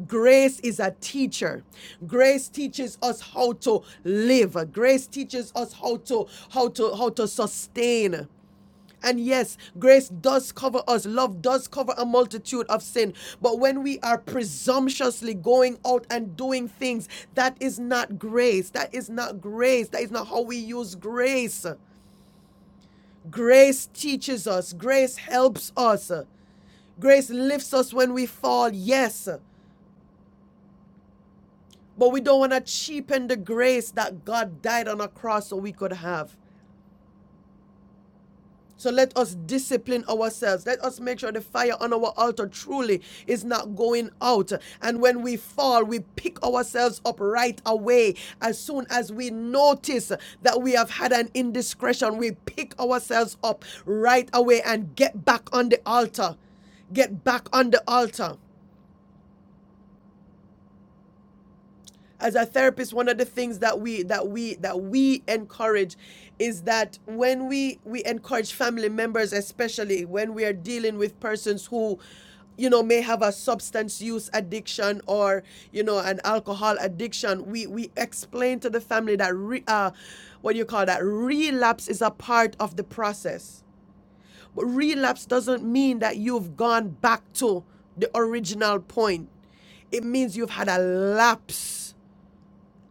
grace is a teacher grace teaches us how to live grace teaches us how to how to how to sustain and yes, grace does cover us, love does cover a multitude of sin. But when we are presumptuously going out and doing things, that is not grace. That is not grace. That is not how we use grace. Grace teaches us, grace helps us, grace lifts us when we fall, yes. But we don't want to cheapen the grace that God died on a cross so we could have. So let us discipline ourselves. Let us make sure the fire on our altar truly is not going out. And when we fall, we pick ourselves up right away. As soon as we notice that we have had an indiscretion, we pick ourselves up right away and get back on the altar. Get back on the altar. as a therapist one of the things that we that we that we encourage is that when we we encourage family members especially when we are dealing with persons who you know may have a substance use addiction or you know an alcohol addiction we we explain to the family that re, uh, what do you call that relapse is a part of the process but relapse doesn't mean that you've gone back to the original point it means you've had a lapse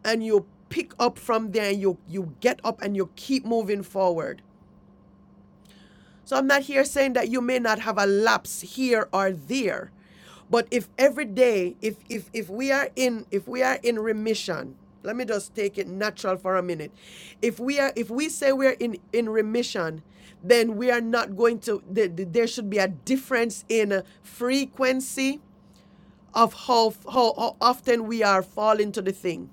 and you pick up from there and you you get up and you keep moving forward. So I'm not here saying that you may not have a lapse here or there. But if every day, if if if we are in if we are in remission, let me just take it natural for a minute. If we are if we say we're in in remission, then we are not going to the, the- there should be a difference in uh, frequency of how, how how often we are falling to the thing.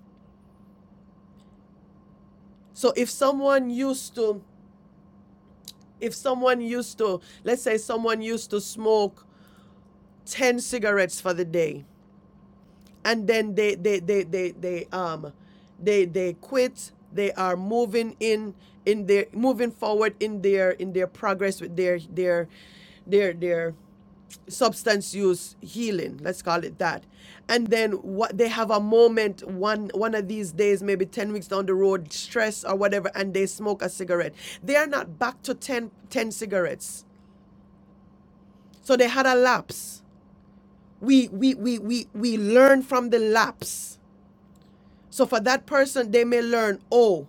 So if someone used to if someone used to let's say someone used to smoke 10 cigarettes for the day and then they they they they, they um they they quit they are moving in in their moving forward in their in their progress with their their their their substance use healing let's call it that and then what they have a moment one one of these days maybe 10 weeks down the road stress or whatever and they smoke a cigarette they are not back to 10 cigarettes So they had a lapse. We we we we we learn from the lapse. So for that person, they may learn, oh,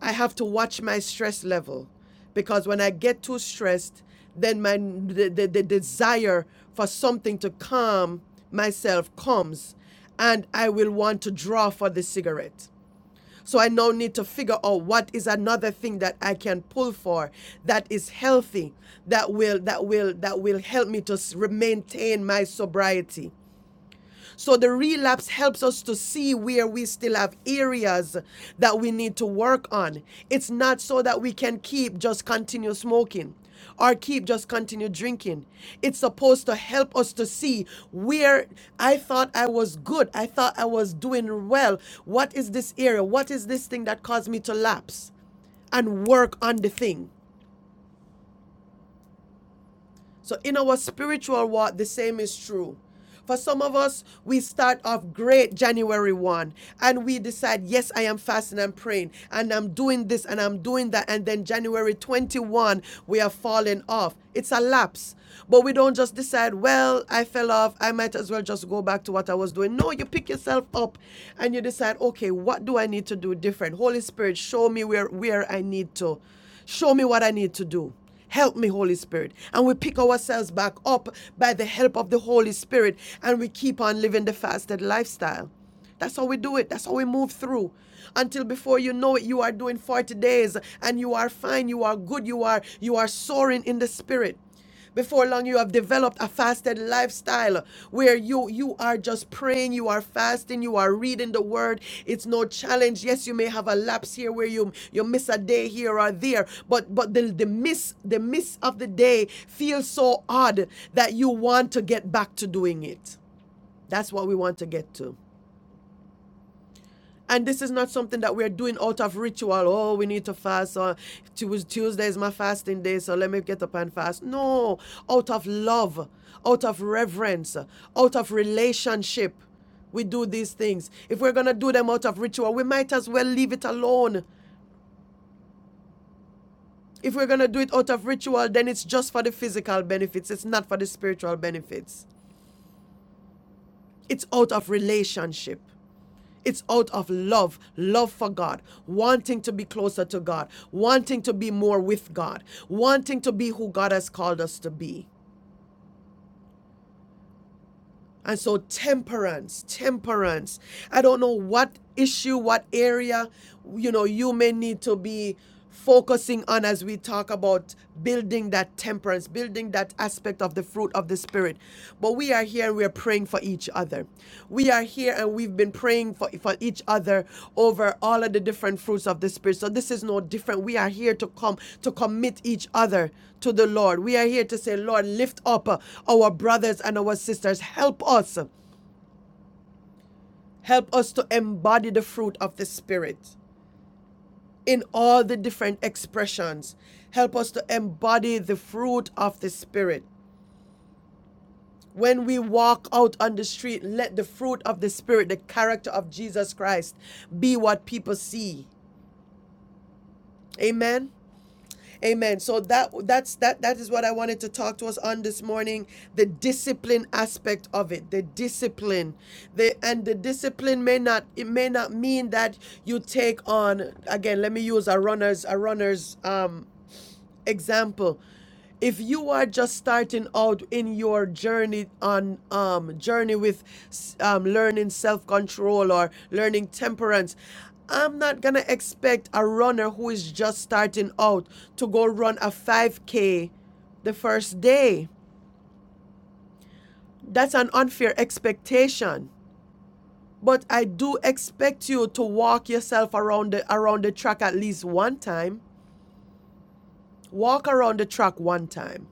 I have to watch my stress level. Because when I get too stressed, then my the, the, the desire for something to calm myself comes and I will want to draw for the cigarette so I now need to figure out what is another thing that I can pull for that is healthy, that will that will that will help me to maintain my sobriety. So the relapse helps us to see where we still have areas that we need to work on. It's not so that we can keep just continue smoking or keep just continue drinking. It's supposed to help us to see where I thought I was good. I thought I was doing well. What is this area? What is this thing that caused me to lapse? And work on the thing. So in our spiritual walk, the same is true. For some of us, we start off great January 1 and we decide, yes, I am fasting and praying and I'm doing this and I'm doing that. And then January 21, we are falling off. It's a lapse. But we don't just decide, well, I fell off. I might as well just go back to what I was doing. No, you pick yourself up and you decide, okay, what do I need to do different? Holy Spirit, show me where, where I need to Show me what I need to do. Help me, Holy Spirit. And we pick ourselves back up by the help of the Holy Spirit and we keep on living the fasted lifestyle. That's how we do it. That's how we move through. Until before you know it, you are doing 40 days and you are fine, you are good, you are you are soaring in the spirit. Before long, you have developed a fasted lifestyle where you you are just praying, you are fasting, you are reading the word. It's no challenge. Yes, you may have a lapse here where you you miss a day here or there, but but the, the miss the miss of the day feels so odd that you want to get back to doing it. That's what we want to get to. And this is not something that we're doing out of ritual. Oh, we need to fast. Or Tuesday is my fasting day, so let me get up and fast. No, out of love, out of reverence, out of relationship, we do these things. If we're going to do them out of ritual, we might as well leave it alone. If we're going to do it out of ritual, then it's just for the physical benefits, it's not for the spiritual benefits. It's out of relationship. It's out of love, love for God, wanting to be closer to God, wanting to be more with God, wanting to be who God has called us to be. And so, temperance, temperance. I don't know what issue, what area, you know, you may need to be focusing on as we talk about building that temperance, building that aspect of the fruit of the Spirit. But we are here, we're praying for each other. We are here and we've been praying for, for each other over all of the different fruits of the Spirit. So this is no different. We are here to come to commit each other to the Lord. We are here to say, Lord, lift up uh, our brothers and our sisters. Help us. Help us to embody the fruit of the Spirit in all the different expressions. Help us to embody the fruit of the Spirit. When we walk out on the street, let the fruit of the Spirit, the character of Jesus Christ, be what people see. Amen. Amen. So that that's that that is what I wanted to talk to us on this morning, the discipline aspect of it. The discipline. The and the discipline may not it may not mean that you take on again, let me use a runner's a runner's um example if you are just starting out in your journey on um journey with um, learning self-control or learning temperance i'm not gonna expect a runner who is just starting out to go run a 5k the first day that's an unfair expectation but i do expect you to walk yourself around the around the track at least one time walk around the track one time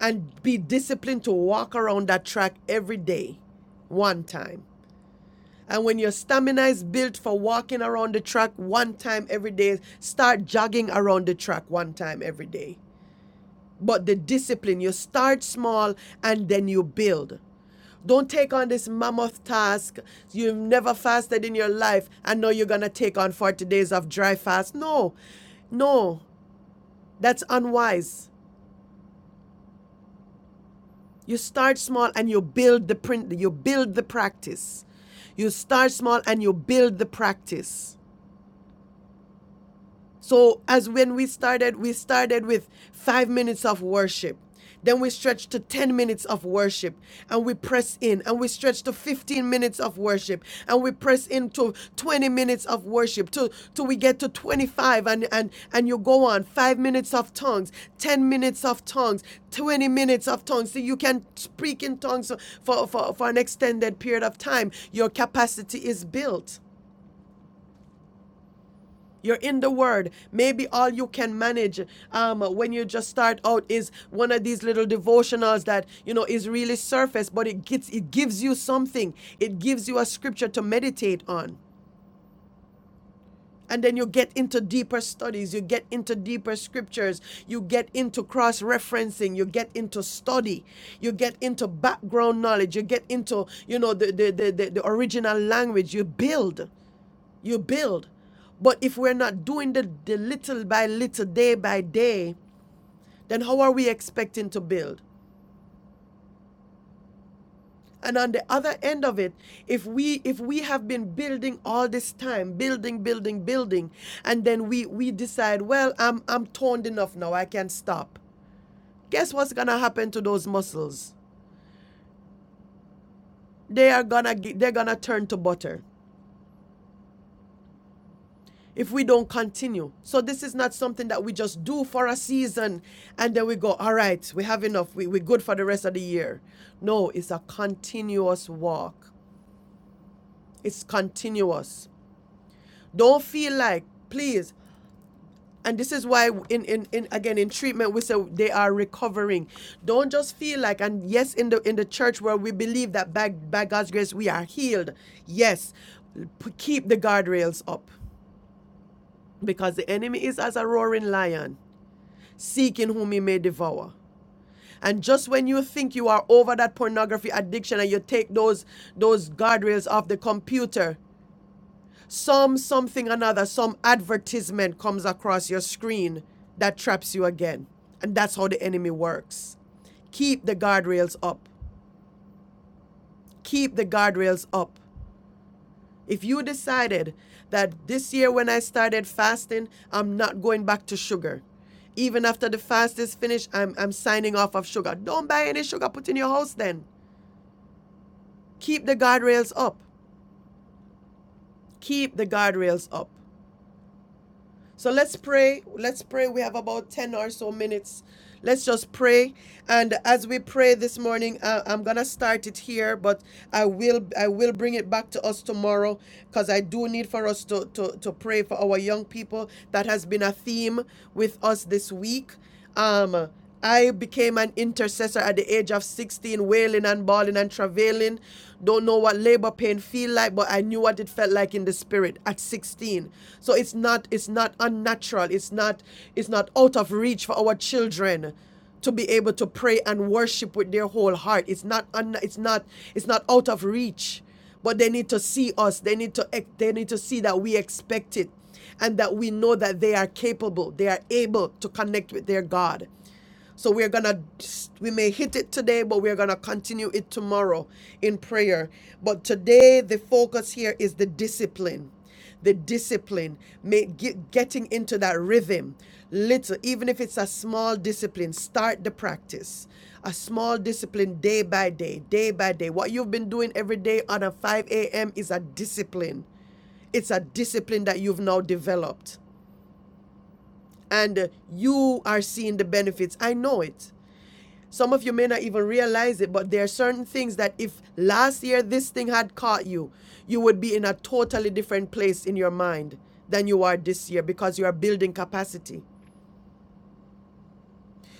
and be disciplined to walk around that track every day, one time. And when your stamina is built for walking around the track one time every day, start jogging around the track one time every day. But the discipline, you start small and then you build. Don't take on this mammoth task. You've never fasted in your life and now you're going to take on 40 days of dry fast. No, no, that's unwise. You start small and you build the print you build the practice. You start small and you build the practice. So, as when we started, we started with five minutes of worship. Then we stretch to 10 minutes of worship and we press in and we stretch to 15 minutes of worship and we press into 20 minutes of worship till, till we get to 25 and, and, and you go on five minutes of tongues, 10 minutes of tongues, 20 minutes of tongues. So you can speak in tongues for, for, for an extended period of time. Your capacity is built. You're in the Word. Maybe all you can manage um, when you just start out is one of these little devotionals that you know is really surface, but it gets it gives you something. It gives you a scripture to meditate on. And then you get into deeper studies, you get into deeper scriptures, you get into cross referencing, you get into study, you get into background knowledge, you get into, you know, the, the, the, the, the original language, you build you build. But if we're not doing the, the little by little, day by day, then how are we expecting to build? And on the other end of it, if we if we have been building all this time, building, building, building, and then we we decide, well, I'm I'm toned enough now, I can stop. Guess what's gonna happen to those muscles? They are gonna they're gonna turn to butter. if we don't continue. So this is not something that we just do for a season and then we go, all right, we have enough. We, we're good for the rest of the year. No, it's a continuous walk. It's continuous. Don't feel like, please. And this is why in, in, in again in treatment we say they are recovering. Don't just feel like and yes in the in the church where we believe that by, by God's grace we are healed. Yes. keep the guardrails up because the enemy is as a roaring lion seeking whom he may devour. And just when you think you are over that pornography addiction and you take those those guardrails off the computer, some something another, some advertisement comes across your screen that traps you again. And that's how the enemy works. Keep the guardrails up. Keep the guardrails up. If you decided that this year when I started fasting, I'm not going back to sugar. Even after the fast is finished, I'm, I'm signing off of sugar. Don't buy any sugar, put in your house then. Keep the guardrails up. Keep the guardrails up. So let's pray. Let's pray. We have about 10 or so minutes. Let's just pray. And as we pray this morning, uh, I'm going to start it here, but I will I will bring it back to us tomorrow because I do need for us to, to, to pray for our young people. That has been a theme with us this week. Um, I became an intercessor at the age of 16, wailing and bawling and travailing. Don't know what labor pain feel like, but I knew what it felt like in the spirit at 16. So it's not it's not unnatural. It's not it's not out of reach for our children to be able to pray and worship with their whole heart. It's not un, it's not it's not out of reach, but they need to see us. They need to ex- they need to see that we expect it and that we know that they are capable, they are able to connect with their God. So we're gonna we may hit it today, but we're gonna continue it tomorrow in prayer. But today the focus here is the discipline. The discipline, make, get, getting into that rhythm, little, even if it's a small discipline, start the practice. A small discipline day by day, day by day. What you've been doing every day on a 5 a.m. is a discipline it's a discipline that you've now developed and uh, you are seeing the benefits i know it some of you may not even realize it, but there are certain things that if last year this thing had caught you, you would be in a totally different place in your mind than you are this year because you are building capacity.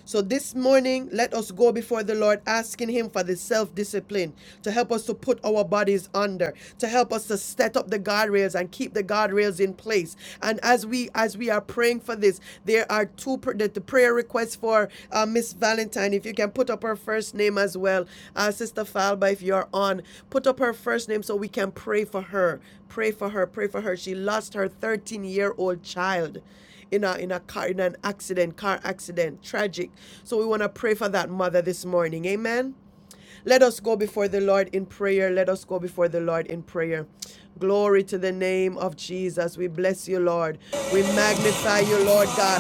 So this morning, let us go before the Lord asking Him for the self discipline to help us to put our bodies under, to help us to set up the guardrails and keep the guardrails in place. And as we as we are praying for this, there are two pr- the, the prayer requests for uh, Miss Valentine. If you can put up her first name as well, uh, Sister Falba, if you're on, put up her first name so we can pray for her. Pray for her. Pray for her. She lost her 13 year old child in a in a car in an accident, car accident, tragic. So we want to pray for that mother this morning. Amen. Let us go before the Lord in prayer. Let us go before the Lord in prayer. Glory to the name of Jesus. We bless you, Lord. We magnify you, Lord God.